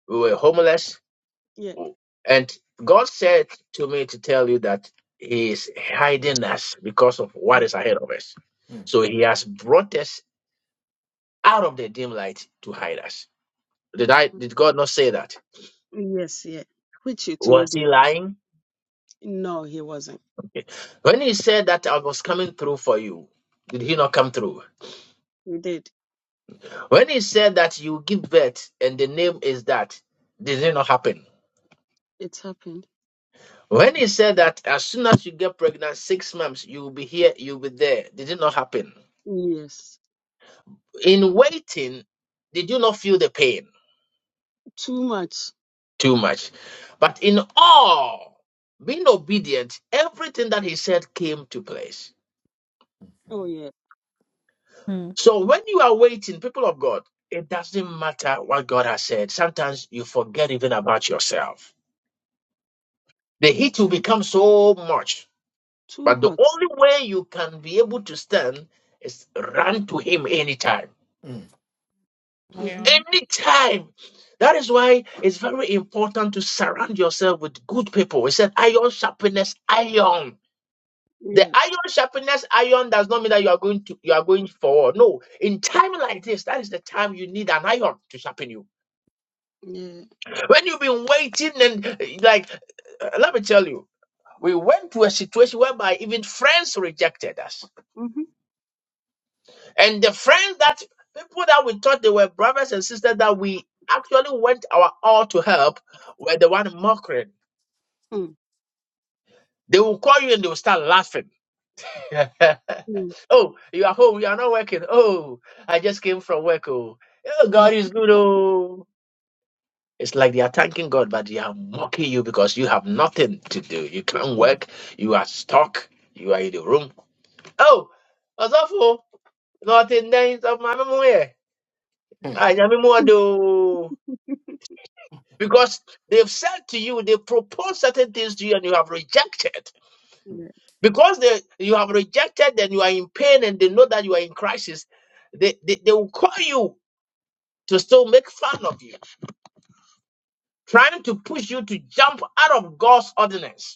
S1: we were homeless,
S7: yeah,
S1: and God said to me to tell you that He is hiding us because of what
S7: yeah,
S1: is ahead of us.
S2: mm,
S1: So He has brought us out of the dim light to hide us. Did I? Did God not say that?
S7: Mm, yes, yeah, which you told
S1: Was He
S7: me.
S1: lying?
S7: No, he wasn't.
S1: When he said that I was coming through for you, did he not come through?
S7: We did.
S1: When he said that you give birth and the name is that, did it not happen?
S7: It's happened.
S1: When he said that as soon as you get pregnant, six months, you'll be here, you'll be there, did it not happen?
S7: Yes.
S1: In waiting, did you not feel the pain
S7: Too much.
S1: too much? But in all, being obedient, everything that he said came to place.
S7: Oh yeah.
S3: Mm,
S1: So when you are waiting, people of God, it doesn't matter what God has said. Sometimes you forget even about yourself. The heat will
S3: mm,
S1: become so much.
S7: Too
S1: But the
S7: hot.
S1: only way you can be able to stand is run to Him anytime.
S2: mm, mm,
S7: Mm-hmm.
S3: Yeah.
S1: Anytime. That is why it's very important to surround yourself with good people. He said, iron sharpness, iron. The
S7: Yeah.
S1: iron sharpness iron does not mean that you are going to you are going forward. No, in time like this, that is the time you need an iron to sharpen you.
S7: Yeah.
S1: When you've been waiting and uh, like, uh, let me tell you, we went to a situation whereby even friends rejected us,
S7: Mm-hmm.
S1: and the friends that people that we thought they were brothers and sisters that we actually went our all to help were the one mocking. They will call you and they will start laughing.
S7: Mm-hmm.
S1: oh, you are home. You are not working. Oh, I just came from work. Oh, oh
S7: Mm-hmm.
S1: God is good. Oh. It's like they are thanking God, but they are mocking you because you have nothing to do. You can't
S3: Mm.
S1: work. You are stuck. You are in the room. Oh, that's awful. Nothing there is of my memory.
S2: mm,
S1: I never more do. Because they've said to you, they propose certain things to you and you have rejected.
S7: Yeah.
S1: Because they, you have rejected, then you are in pain and they know that you are in crisis. They, they, they will call you to still make fun of you, trying to push you to jump out of God's ordinance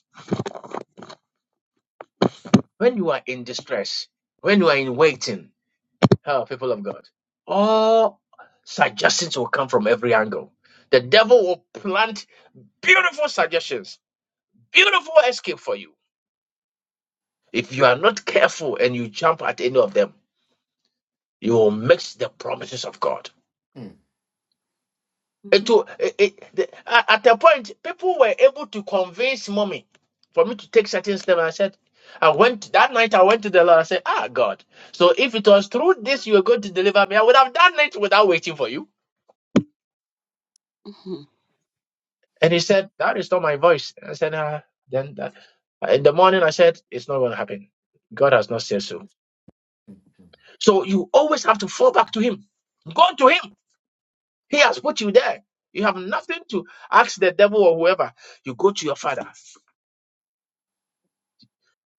S1: when you are in distress, when you are in waiting, oh, people of God, all suggestions will come from every angle. The devil will plant beautiful suggestions, beautiful escape for you. If you are not careful and you jump at any of them, you will miss the promises of God.
S2: mm,
S7: Mm-hmm.
S1: It, wa- it, it, the, a- at a point, people were able to convince mommy for me to take certain steps. I said, I went that night. I went to the Lord. I said, Ah, God. So if it was through this you were going to deliver me, I would have done it without waiting for you.
S7: Mm-hmm.
S1: And he said, That is not my voice. I said, Ah, then that. In the morning, I said, It's not going to happen. God has not said so.
S2: mm,
S1: So you always have to fall back to Him. Go to Him. He has put you there. You have nothing to ask the devil or whoever. You go to your Father.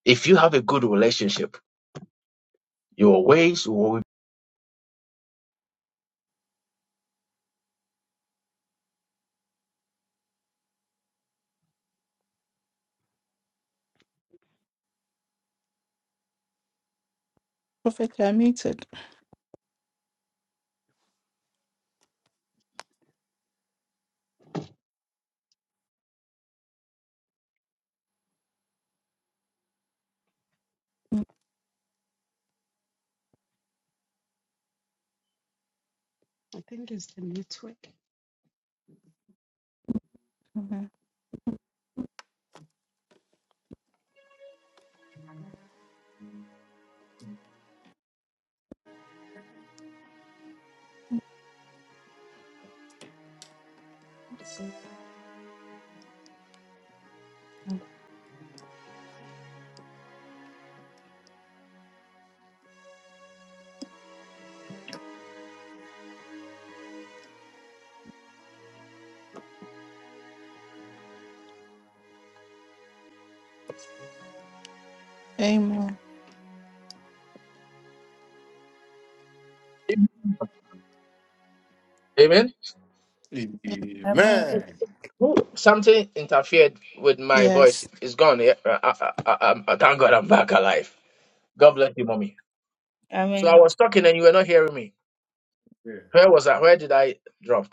S1: If you have a good relationship, your ways will
S3: Prophet, you are muted.
S7: I think it's the network.
S3: Mhm. Mm. Amen.
S1: be. Amen.
S2: mm.
S13: Amen.
S2: Amen.
S1: Ooh, Something interfered with my voice.
S3: Yes.
S1: It's gone. Yeah, I, I, I, I, thank God I'm back alive. God bless you, mommy. So I
S13: Amen.
S1: was talking and you were not hearing me.
S2: Yeah.
S1: Where was I? Where did I drop?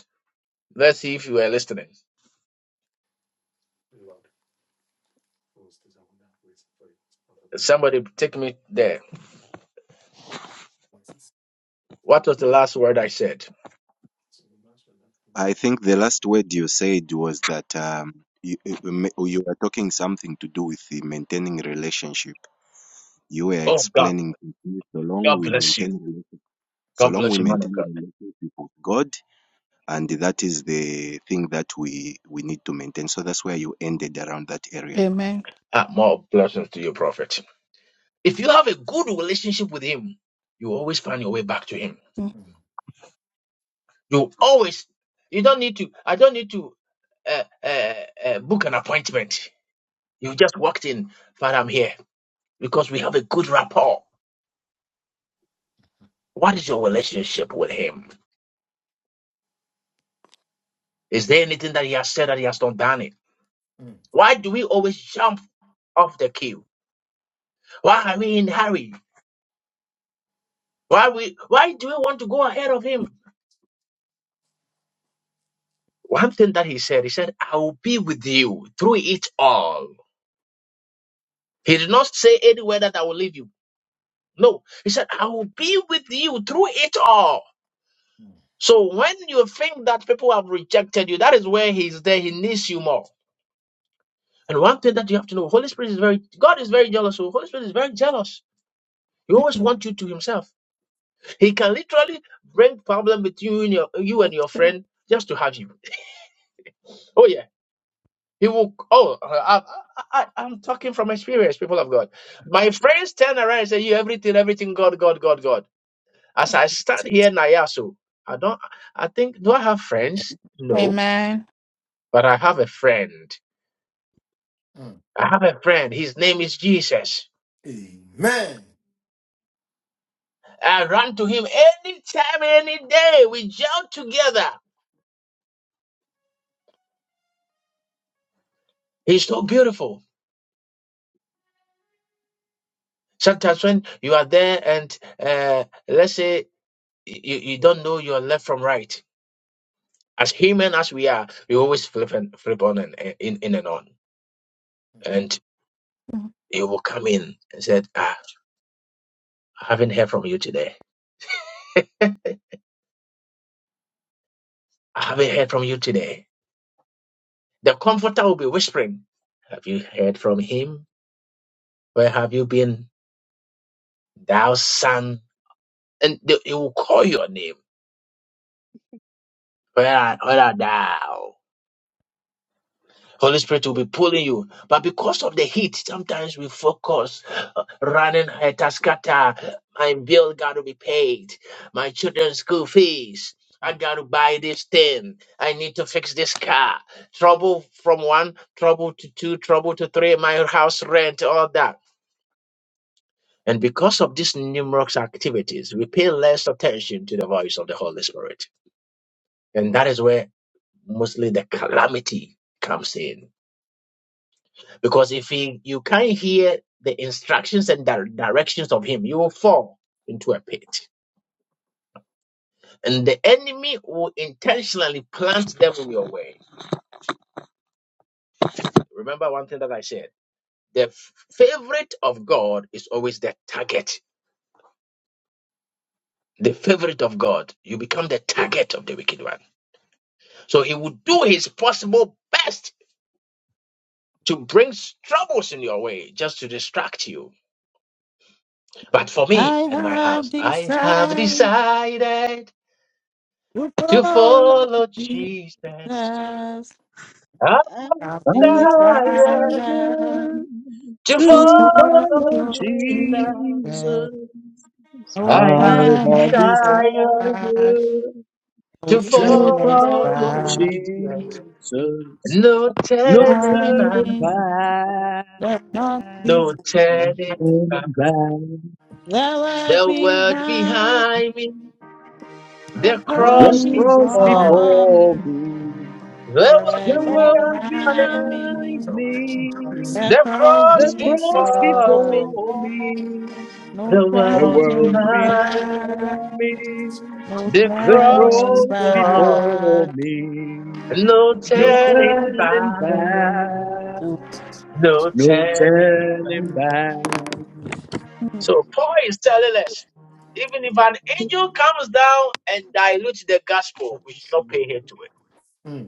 S1: Let's see if you were listening. Somebody take me there. What was the last word I said?
S14: I think the last word you said was that um, you, you you- you were talking something to do with the maintaining relationship. You were
S1: Oh God,
S14: explaining to me, so long
S1: God
S14: we
S1: bless
S14: maintain
S1: you.
S14: relationship, so
S1: God
S14: long we
S1: bless you, man
S14: maintain
S1: of God.
S14: relationship with God, and that is the thing that we we need to maintain. So that's where you ended around that area.
S3: Amen.
S1: Ah, more blessings to you, prophet. If you have a good relationship with him, you always find your way back to him.
S3: Mm.
S1: You always, you don't need to, I don't need to uh, uh, uh, book an appointment. You just walked in, Father, I'm here because we have a good rapport. What is your relationship with him? Is there anything that he has said that he has not done it?
S2: Mm,
S1: Why do we always jump off the queue? Why are we in hurry? Why we? Why do we want to go ahead of him? One thing that he said, he said, "I will be with you through it all." He did not say anywhere that I will leave you. No, he said, "I will be with you through it all."
S2: mm,
S1: So when you think that people have rejected you, that is where he's there. He needs you more. And one thing that you have to know, Holy Spirit is very God is very jealous. So Holy Spirit is very jealous. He always wants you to himself. He can literally bring problem between you and your, you and your
S3: Okay.
S1: friend just to have you. Oh yeah. He will oh I, I, I, I'm talking from experience, people of God. My friends turn around and say, You everything, everything, God, God, God, God. As I stand here in I don't I think do I have friends? No,
S3: Amen.
S1: but I have a friend.
S2: mm, mm.
S1: I have a friend. His name is Jesus.
S2: Amen.
S1: I run to him anytime, any day. We jump together. He's so beautiful. Sometimes when you are there and uh, let's say you, you don't know your left from right, as human as we are, we always flip and flip on and and- in, in and on.
S2: Mm,
S1: And
S3: Mm.
S1: he will come in and said, ah, I haven't heard from you today. I haven't heard from you today. The comforter will be whispering, Have you heard from him? Where have you been, thou son and they, he will call your name. Where, are where are thou? Holy Spirit will be pulling you. But because of the heat, sometimes we focus, uh, running at taskata. My bill got to be paid. My children's school fees. I got to buy this thing. I need to fix this car. Trouble from one, trouble to two, trouble to three. My house rent, all that. And because of these numerous activities, we pay less attention to the voice of the Holy Spirit. And that is where mostly the calamity comes in. Because if he, you can't hear the instructions and the directions of him, you will fall into a pit. And the enemy will intentionally plant them in your way. Remember one thing that I said the f- favorite of God is always the target. The favorite of God, you become the target of the wicked one. So he will do his possible best to bring troubles in your way just to distract you But for
S3: I
S1: me and my
S3: have
S1: house, I have
S3: decided
S1: decided
S3: to
S1: to
S3: follow
S1: follow
S3: Jesus.
S1: Jesus. I've
S3: I've
S11: have
S1: decided
S3: decided.
S11: decided
S1: to
S3: Jesus,
S11: to
S3: Lord
S1: follow
S11: follow
S3: Lord Jesus,
S1: Jesus.
S3: no
S11: Jesus.
S1: I
S11: I have
S1: have
S3: turning
S11: decided
S1: decided
S3: back, no
S1: to
S11: to
S3: turning
S1: follow
S11: follow
S3: back.
S1: Jesus.
S11: Jesus.
S1: No
S11: No
S1: turning
S3: Find
S1: back,
S11: turning
S3: me,
S11: back,
S3: let not be
S11: turning
S1: no turning back.
S11: back.
S3: there were
S1: The world
S3: behind,
S1: behind me,
S3: the
S1: the
S3: pearl
S11: Let
S1: cross
S11: cross
S1: before me,
S3: before
S11: before
S3: me.
S11: me.
S1: the
S3: Never
S11: The
S1: world
S11: world
S3: behind
S1: behind me.
S11: behind
S3: me, the
S11: me,
S1: The
S3: pearl
S11: the
S1: cross
S7: Um,
S11: cross
S7: Mm, mm, mhm, mhm, mhm,
S1: before me,
S3: before me.
S11: before me,
S3: No
S1: the
S11: the
S1: world
S11: world
S3: turning
S1: behind me.
S3: back,
S11: behind
S6: Um,
S11: me,
S3: no
S1: The
S11: the
S1: cross
S3: turning
S6: Bless
S11: cross
S6: the
S1: before
S11: before
S3: back.
S11: me.
S1: me, no
S11: No
S1: turning
S11: turning
S1: back,
S11: back,
S10: Oh,
S1: no
S11: no
S1: turning.
S11: turning back.
S1: So Paul is telling us, even if an angel comes down and dilutes the gospel, we should not pay heed to it.
S2: mm,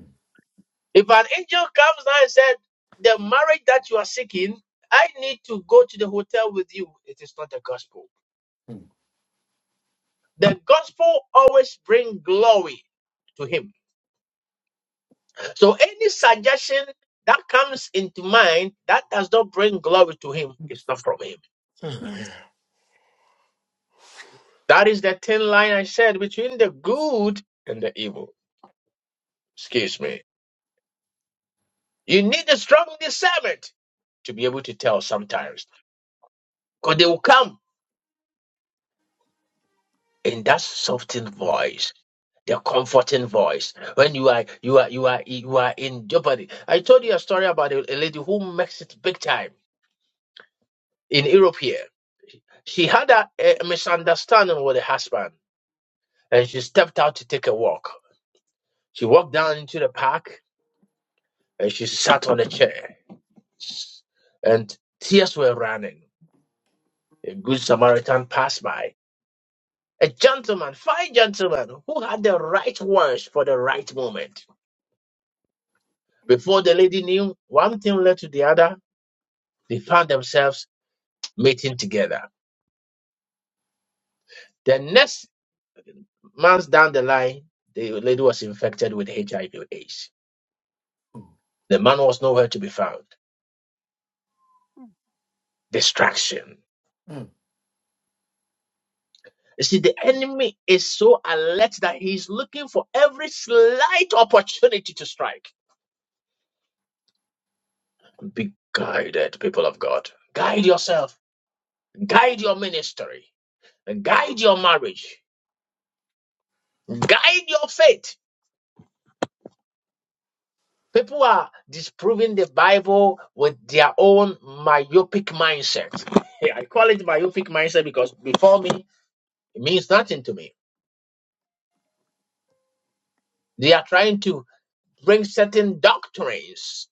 S1: If an angel comes down and said, the marriage that you are seeking, I need to go to the hotel with you. It is not the gospel.
S2: mm,
S1: The gospel always brings glory to him. So any suggestion that comes into mind that does not bring glory to him is not from him.
S2: mm,
S1: That is the thin line I said between the good and the evil. Excuse me. You need a strong discernment to be able to tell sometimes. Because they will come in that softened voice, the comforting voice. When you are you are you are you are in jeopardy. I told you a story about a, a lady who makes it big time in Europe here. She had a, a misunderstanding with her husband and she stepped out to take a walk. She walked down into the park and she sat on a chair, and tears were running. A good Samaritan passed by. A gentleman, fine gentleman, who had the right words for the right moment. Before the lady knew, one thing led to the other. They found themselves meeting together. The next month down the line, the lady was infected with HIV/AIDS. The man was nowhere to be found. Distraction
S2: mm, mm.
S1: You see, the enemy is so alert that he's looking for every slight opportunity to strike. Be guided, people of God. Guide yourself, guide your ministry, guide your marriage, guide your faith. People are disproving the Bible with their own myopic mindset. I call it myopic mindset because before me, it means nothing to me. They are trying to bring certain doctrines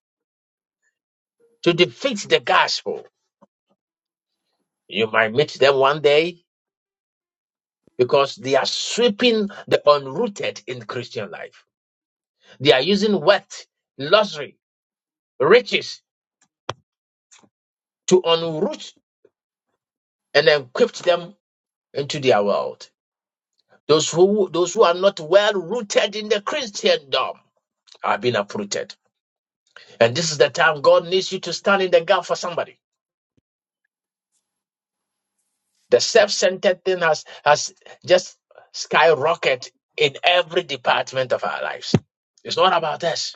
S1: to defeat the gospel You might meet them one day because they are sweeping the unrooted in Christian life. They are using wealth, luxury, riches to unroot and equip them into their world. Those who those who are not well rooted in the Christendom are being uprooted. And this is the time God needs you to stand in the gap for somebody. The self-centered thing has has just skyrocketed in every department of our lives. It's not about us.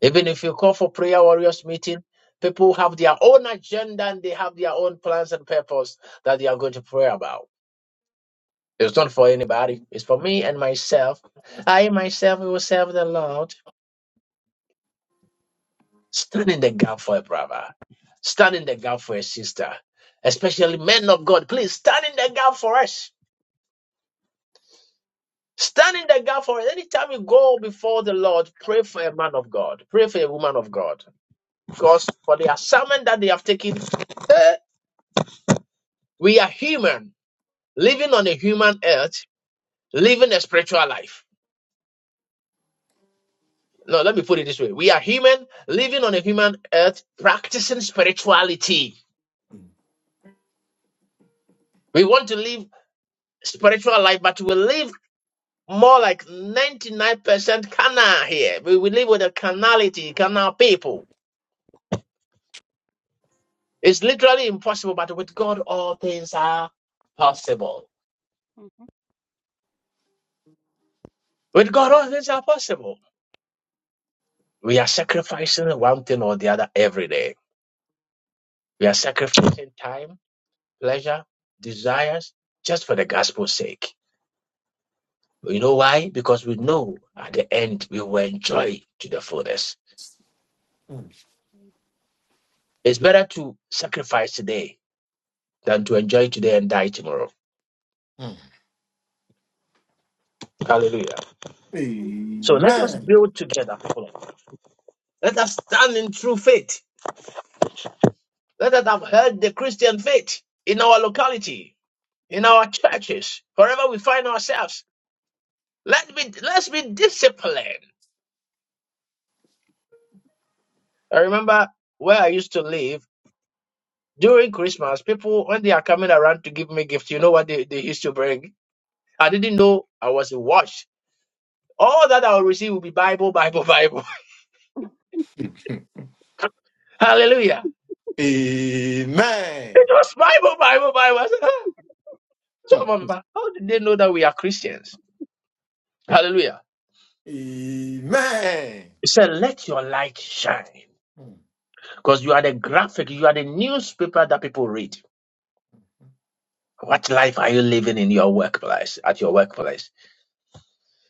S1: Even if you call for prayer warriors meeting, people have their own agenda and they have their own plans and purpose that they are going to pray about. It's not for anybody. It's for me and myself. I myself will serve the Lord. Stand in the gap for a brother. Stand in the gap for a sister. Especially men of God. Please stand in the gap for us. Stand in the gap for us. Anytime you go before the Lord, pray for a man of God. Pray for a woman of God. Because for the assignment that they have taken, eh, We are human, living on a human earth, living a spiritual life. No, let me put it this way. We are human, living on a human earth, practicing spirituality. We want to live spiritual life, but we live more like 99% canal here. We, we live with a carnality, canal people. It's literally impossible, but with God, all things are possible. With God, all things are possible. We are sacrificing one thing or the other every day. We are sacrificing time pleasure, desires, just for the gospel's sake. You know why? Because we know at the end we will enjoy to the fullest. It's better to sacrifice today than to enjoy today and die tomorrow. Hallelujah.
S2: mm.
S1: So let us
S2: Amen.
S1: build together. people Let us stand in true faith. Let us have heard the Christian faith in our locality, in our churches, wherever we find ourselves. Let be let's be disciplined. I remember where I used to live. During Christmas, people, when they are coming around to give me gifts, you know what they, they used to bring? I didn't know I was a watch. All that I will receive will be Bible, Bible, Bible. Hallelujah. It was Bible, Bible, Bible. I said, "Ah."
S2: Amen.
S1: so,
S2: Mm.
S1: Mama, Papa, how did they know that we are Christians? Hallelujah.
S2: Amen.
S1: He said, let your light shine
S2: Mm,
S1: because you are the graphic, you are the newspaper that people read. What life are you living in your workplace, at your workplace?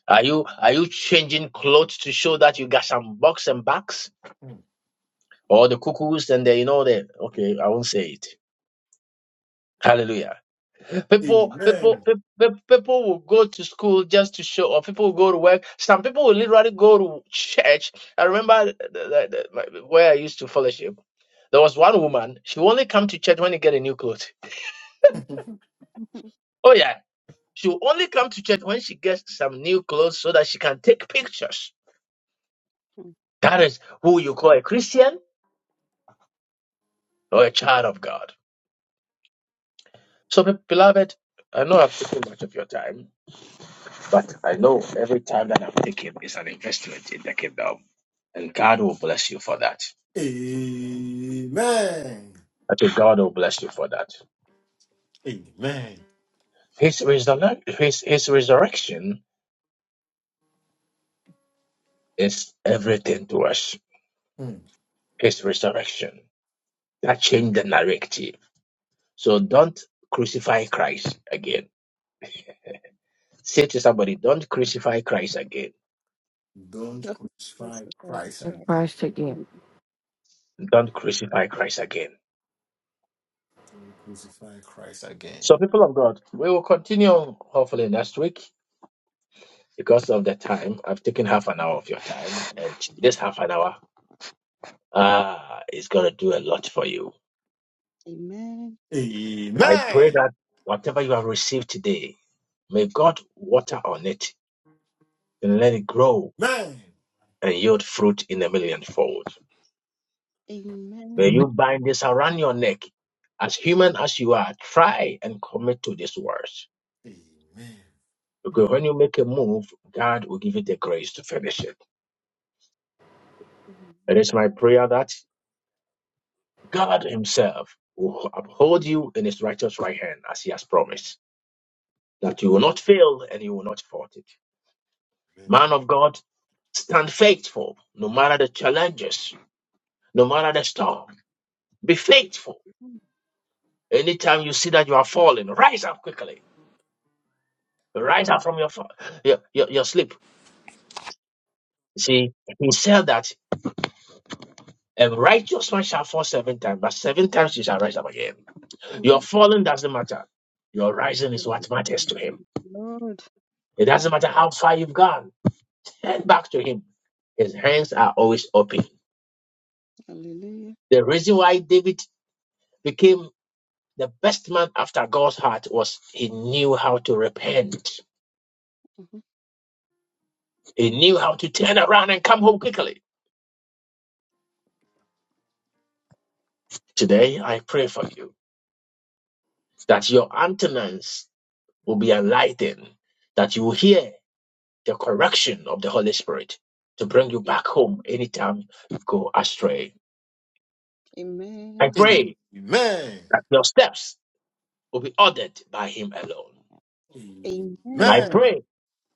S1: Are you are you changing clothes to show that you got some bucks and bucks?
S2: mm.
S1: or the cuckoos and the you know the okay i won't say it hallelujah people people
S2: Amen.
S1: pe- pe- people will go to school just to show or people will go to work some people will literally go to church i remember the, the, the, my, where i used to fellowship there was one woman she only come to church when she get a new clothes
S7: mhm, mhm,
S1: oh yeah she will only come to church when she gets some new clothes so that she can take pictures
S7: mhm.
S1: that is who you call a christian or a child of god so be- beloved i know i've taken much of your time But I know every time that i take him is an investment in the kingdom, and God will bless you for that.
S2: Amen.
S1: I think God will bless you for that.
S2: Amen.
S1: His, resur- his, his resurrection is everything to us.
S2: Mm.
S1: His resurrection that changed the narrative. So don't crucify Christ again. Say to somebody, don't crucify Christ again.
S2: Don't
S7: Don't
S2: crucify
S7: crucify
S2: Christ
S7: Christ.
S2: again.
S4: Christ again.
S1: Don't crucify Christ again.
S2: Don't crucify Christ again.
S1: So, people of God, we will continue hopefully next week because of the time. I've taken half an hour of your time, and this half an hour Ah, it's going to do a lot for you.
S7: Amen.
S1: I pray
S2: Amen.
S1: that whatever you have received today, may God water on it and let
S2: Amen.
S1: it grow
S2: Amen.
S1: and yield fruit in a millionfold. May
S7: Amen.
S4: Amen.
S1: you bind this around your neck. As human as you are, try and commit to this word. Because when you make a move, God will give you the grace to finish it. It is
S7: Amen.
S1: my prayer that God Himself will uphold you in His righteous right hand as He has promised, that you will
S7: Amen.
S1: not fail and you will not fault it. Man of God, Stand faithful, no matter the challenges, no matter the storm. Be faithful.
S7: Amen.
S1: Anytime you see that you are falling, rise up quickly. Rise up from your fa- your, your, your sleep. See, he said that a righteous man shall fall seven times, but seven times he shall rise up again. Your
S7: Mhm,
S1: falling doesn't matter. Your rising is what matters to him.
S7: mhm. Lord.
S1: It doesn't matter how far you've gone. Turn back to him. His hands are always open.
S7: Hallelujah.
S1: The reason why David became the best man after God's heart was he knew how to repent.
S7: Mhm.
S1: He knew how to turn around and come home quickly. Today, I pray for you that your antennas will be enlightened, that you will hear the correction of the Holy Spirit to bring you back home anytime you go astray. I
S7: Amen.
S2: Amen.
S1: pray
S2: Amen.
S1: that your steps will be ordered by Him alone. And I
S7: Amen.
S2: Amen.
S1: pray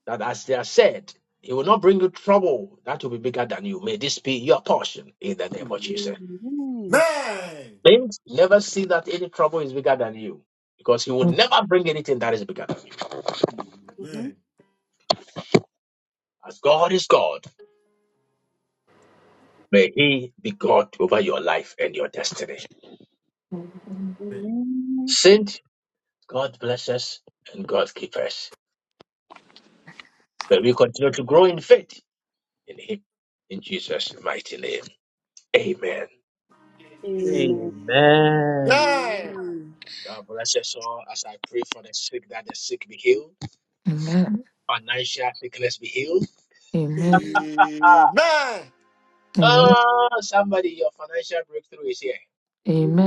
S1: that as they are said, He will not bring you trouble that will be bigger than you. May this be your portion in the name of
S2: Amen.
S1: Jesus.
S7: Amen.
S2: Amen.
S1: Means never see that any trouble is bigger than you because He would never bring anything that is bigger than you.
S7: Amen.
S2: Amen.
S1: As God is God, may He be God over your life and your destiny.
S4: Amen.
S2: Amen.
S7: Amen.
S1: Saint, God bless us and God keep us. May we continue to grow in faith in Him. In Jesus' mighty name. Amen.
S2: Amen. Amen.
S7: Amen.
S11: Amen.
S10: Amen.
S1: God bless us all as I pray for the sick that the sick be healed, financial sickness be healed.
S4: Amen.
S2: Amen.
S4: Amen.
S1: Oh, somebody, your financial breakthrough is here.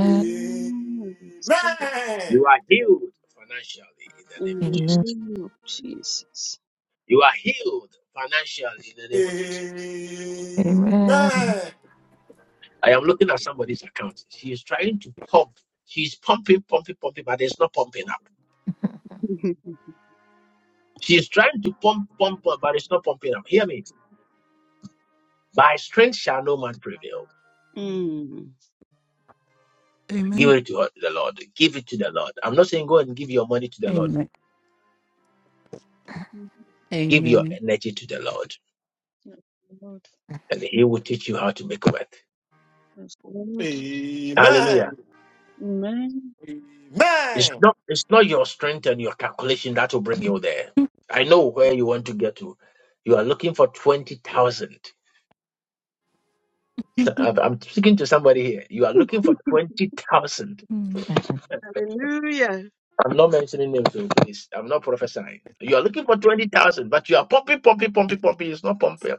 S2: Amen.
S7: I receive it
S2: Amen.
S1: You are healed financially in the name
S7: In
S1: of
S7: the
S4: Amen.
S1: Jesus.
S7: name of Jesus.
S1: You are healed financially in the name of Jesus.
S7: Amen.
S4: Amen.
S1: I am looking at somebody's account. She is trying to pump. She's pumping, pumping, pumping, but it's not pumping up. She's trying to pump, pump, pump, but it's not pumping up. Hear me. By strength shall no man prevail.
S7: Mm.
S1: Give
S3: Amen.
S1: it to the Lord. Give it to the Lord. I'm not saying go and give your money to the Lord.
S3: Amen.
S7: Yes,
S1: Give your
S3: Amen.
S1: energy to the Lord,
S7: Lord.
S1: and He will teach you how to make wealth.
S7: Yes, Lord.
S1: Hallelujah.
S7: Amen.
S1: It's not it's not your strength and your calculation that will bring you there. I know where you want to get to. You are looking for twenty thousand. So I'm I'm speaking to somebody here. You are looking for twenty thousand.
S3: Amen.
S7: Hallelujah.
S1: I'm not mentioning names, so please. I'm not prophesying. You are looking for twenty thousand, but you are pumping, pumping, pumping, pumping. It's not pumping.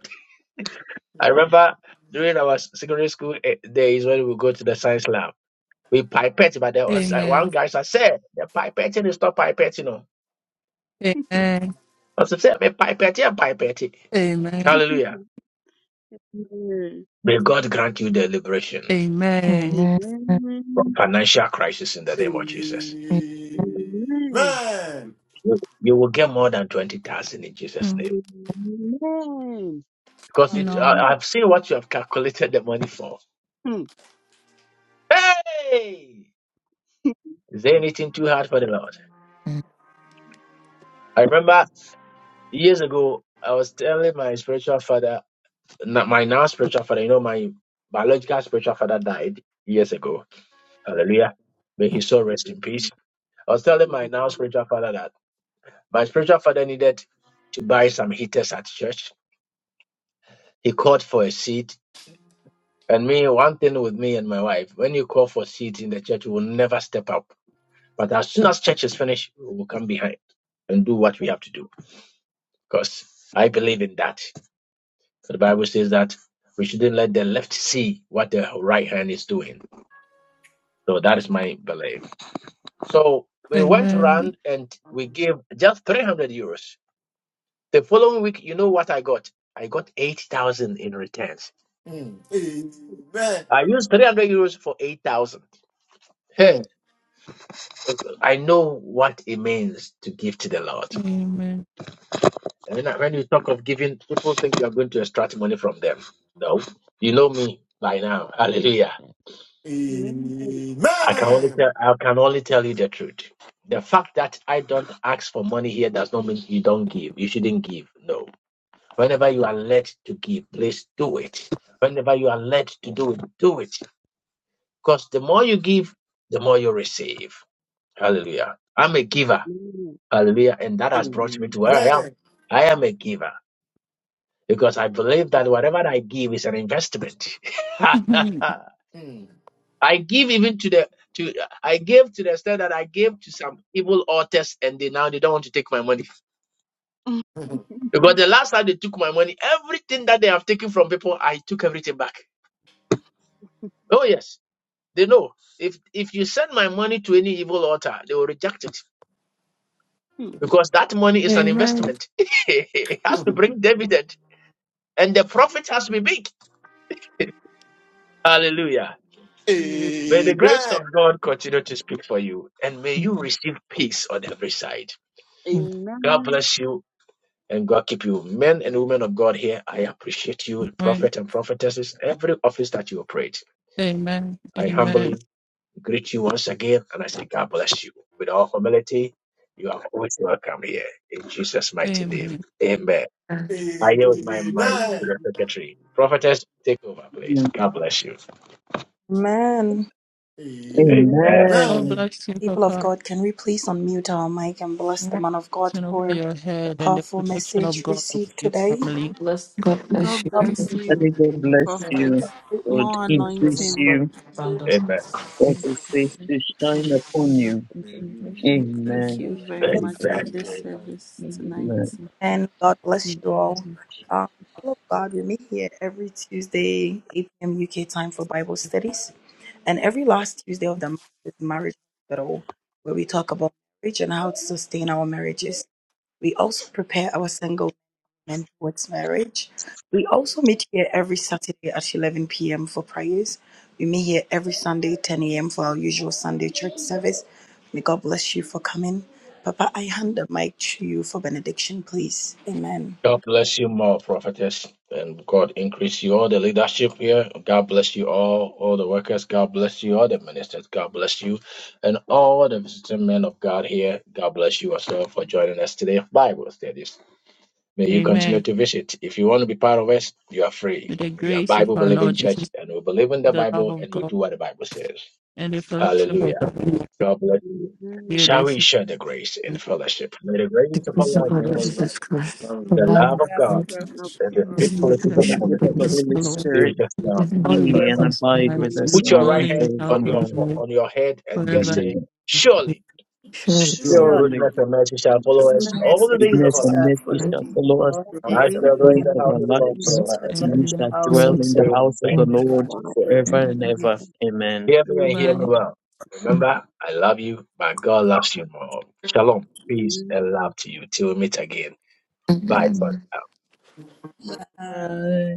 S1: I remember during our s- secondary school eh, days when we go to the science lab, we pipette, but there was uh, one
S3: Amen.
S1: guy said, "Sir, "The pipetting is not pipetting." No,
S3: Amen.
S1: I said, "Sir, "Me pipetting, pipetting."
S3: Amen.
S1: Hallelujah.
S7: Amen.
S1: May God grant you the liberation
S3: Amen.
S4: Amen.
S1: from
S7: Amen.
S1: financial crisis in the name of Jesus.
S4: Amen.
S7: Amen.
S1: You you will get more than 20,000 in Jesus'
S3: Mm,
S1: name.
S7: Amen.
S1: Because it,
S3: No.
S1: I,
S7: Hallelujah.
S1: I've seen what you have calculated the money for.
S7: Hmm.
S1: Hey! Is there anything too hard for the Lord? I remember years ago, I was telling my spiritual father, n- my now spiritual father, you know, my biological spiritual father died years ago. Hallelujah. May his soul rest in peace.
S7: Amen.
S1: I was telling my
S7: Amen.
S1: now spiritual father that my spiritual father needed to buy some heaters at church He called for a seat. And me, one thing with me and my wife, when you call for seats in the church, we will never step up. But as soon as church is finished, we will come behind and do what we have to do. Because I believe in that. The Bible says that we shouldn't let the left see what the right hand is doing. So that is my belief. So we went
S3: Amen.
S1: around and we gave just 300 euros. The following week, you know what I got? I got 8,000 in returns.
S2: Mm. Amen.
S1: I used 300 euros for 8,000.
S2: Mm.
S1: I know what it means to give to the Lord.
S3: Amen.
S1: And when, I- when you talk of giving, people think you are going to extract money from them. No, you know me by now. Hallelujah.
S2: Amen.
S1: I can only tell, I can only tell you the truth. The fact that I don't ask for money here does not mean you don't give. You shouldn't give. No. Whenever you are led to give, please do it. Whenever you are led to do it, do it. Because the more you give, the more you receive. Hallelujah. I'm a giver. Hallelujah. And that has brought me to where I am. I am a giver because I believe that whatever I give is an investment.
S2: Amen.
S1: I give even to the to I gave to the extent that I gave to some evil authors and they now they don't want to take my money.
S2: Mm.
S1: Because the last time they took my money, everything that they have taken from people, I took everything back. Oh yes. They know. If if you send my money to any evil altar, they will reject it.
S7: Amen.
S1: Because that money is an
S3: Amen.
S1: investment. it has to bring dividend. And the profit has to be big. Hallelujah.
S7: Amen.
S1: May the grace
S2: Amen.
S1: of God continue to speak for you and may you receive peace on every side.
S4: Amen.
S1: God
S7: Amen.
S1: bless you and God keep you. Men and women of God here, I appreciate you,
S3: Amen.
S1: prophet and prophetesses, every office that you operate.
S3: Amen.
S1: I humbly
S3: Amen.
S1: greet you once again and I say, God bless you. With all humility, you are always welcome here. In Jesus' mighty name.
S3: Amen.
S1: Amen. I yield my mind
S7: Amen.
S1: to
S2: Amen.
S1: the secretary. Prophetess, take over, please. God bless you.
S15: Man,
S2: Amen.
S1: Amen.
S7: Amen.
S3: God
S2: Believe
S11: Amen.
S3: bless you,
S15: people of
S3: Papa.
S15: God, can we please unmute our mic and bless the man of God
S3: Mountain over
S15: for
S3: your
S15: the
S3: head and the
S15: powerful
S3: protection of
S15: message
S3: God over
S15: received
S3: your
S15: today?
S3: family.
S4: God bless
S10: God
S15: God
S4: you.
S10: bless you,
S11: That God bless
S6: Lord,
S10: Prophet.
S11: you.
S15: bless
S11: God
S10: More
S6: from the
S11: increase
S10: anointing.
S6: above,
S11: you.
S15: you.
S6: abundance.
S1: Amen.
S11: Cause his face
S9: bless
S11: to
S9: you from
S11: shine
S9: your
S11: upon
S9: gener-
S11: you.
S9: from generation
S2: in
S9: to
S2: this
S10: Thank
S11: Amen.
S10: you
S9: generation
S10: very much
S9: to
S1: Amen.
S10: for
S2: unfading
S9: generation.
S10: this
S2: and
S10: service
S9: May you
S10: tonight.
S11: Amen.
S9: lack nothing
S15: And God bless
S9: in
S15: you
S9: the name
S15: all.
S9: of Jesus.
S15: Uh, people of God, we meet here every Tuesday, 8 p.m. UK time for Bible studies. And every last Tuesday of the month is Marriage Hospital, where we talk about marriage and how to sustain our marriages. We also prepare our single men towards marriage. We also meet here every Saturday at 11 p.m. for prayers. We meet here every Sunday, 10 a.m. for our usual Sunday church service. May God bless you for coming. Papa, I hand the mic to you for benediction, please. Amen.
S1: God bless you more, prophetess, and God increase you all the leadership here. God bless you all, all the workers. God bless you, all the ministers. God bless you, and all the visiting men of God here. God bless you as well for joining us today of Bible studies. May you continue
S3: Amen.
S1: to visit. If you want to be part of us, you are free.
S3: With the
S1: We are
S3: grace of
S1: Bible
S3: our
S1: believing
S3: Lord
S1: church,
S3: Jesus,
S1: and we believe in the
S3: the love
S1: Bible,
S3: of
S1: and we
S3: God,
S1: do what the Bible says.
S3: and the fellowship of
S1: Hallelujah.
S3: the Holy
S1: God bless you.
S3: Spirit,
S7: Amen.
S1: Shall we
S3: there's
S1: share the grace in fellowship? May the grace
S4: The
S1: of our
S4: peace of
S7: Bless
S1: Lord
S4: our Lord
S7: the
S1: Jesus
S7: Lord,
S4: Jesus
S1: Christ,
S4: Christ, the
S7: God,
S1: the
S4: love
S1: love
S13: The
S1: of
S13: love
S1: God
S4: of
S13: of
S4: God,
S13: God
S7: love of
S1: then the
S7: God,
S13: and the
S3: Be
S4: the
S1: faithful
S7: and
S3: with
S1: people
S11: For
S1: of
S3: them.
S1: the
S11: the
S4: fellowship
S7: the
S4: of
S1: Holy
S11: gift
S4: the
S3: Be
S11: of
S1: Spirit,
S11: the
S4: Holy
S7: faithfulness
S11: Holy
S7: of
S4: Spirit,
S7: the
S3: comfortable.
S1: they
S7: Holy
S1: will
S11: Spirit
S1: just now
S7: Spirit,
S4: with and
S3: all
S1: let's
S3: the
S11: be
S1: pray
S7: be
S3: days
S11: and
S4: for
S1: now.
S3: of
S4: us
S7: you
S4: now.
S3: my
S11: abide
S7: now
S3: life,
S11: with
S7: and
S3: We
S11: us
S3: will
S1: Put your
S11: now
S3: dwell
S1: right
S11: and
S3: in
S1: hand
S3: the
S7: forevermore.
S3: house
S1: on
S3: of
S1: your
S3: the
S11: forevermore.
S1: fo-
S3: Lord
S1: on your head and just
S3: forever.
S1: say,
S11: Amen.
S3: and
S1: Surely
S4: Share us
S7: Surely,
S2: your
S11: Surely
S13: surely
S1: goodness and mercy shall follow us
S7: goodness
S4: now
S1: all
S13: goodness
S1: the
S13: and
S7: and
S1: days of
S11: goodness
S13: mercy
S1: our
S7: mercy
S1: life.
S11: and
S13: shall
S11: mercy
S7: shall
S13: follow
S4: and
S11: shall
S7: follow
S13: me
S7: us
S11: follow us
S13: all
S7: all
S13: the
S1: And
S7: the
S1: I
S11: all
S13: days
S7: days
S13: of
S11: the
S1: shall
S13: my
S7: of
S1: dwell in
S11: days
S7: our
S1: the
S13: life,
S11: of
S1: house
S11: our
S1: of the
S7: lives,
S1: Lord
S13: and
S7: and
S13: I
S11: lives,
S7: we
S1: forever
S7: shall
S13: shall
S11: and
S13: dwell
S7: dwell
S1: and
S11: we
S13: in
S7: in
S13: the
S7: the
S3: Amen.
S11: shall
S7: house
S13: house
S11: dwell
S7: of
S13: of
S11: in the
S13: the
S7: the
S1: ever.
S13: Lord
S11: house of
S1: Amen.
S11: the
S4: forevermore.
S11: Lord
S13: forever.
S7: Lord
S13: Ever.
S7: forever
S11: forever and
S3: Mm.
S7: and
S13: Amen.
S11: ever.
S7: ever.
S11: Amen.
S1: Hear me and hear me
S3: Bye.
S7: Amen.
S1: well. Remember, I love you, but God loves you more. Shalom, peace, and
S7: Amen.
S1: love to you. Till we meet again. Bye
S4: Amen.
S1: for
S13: Bye.
S11: Amen.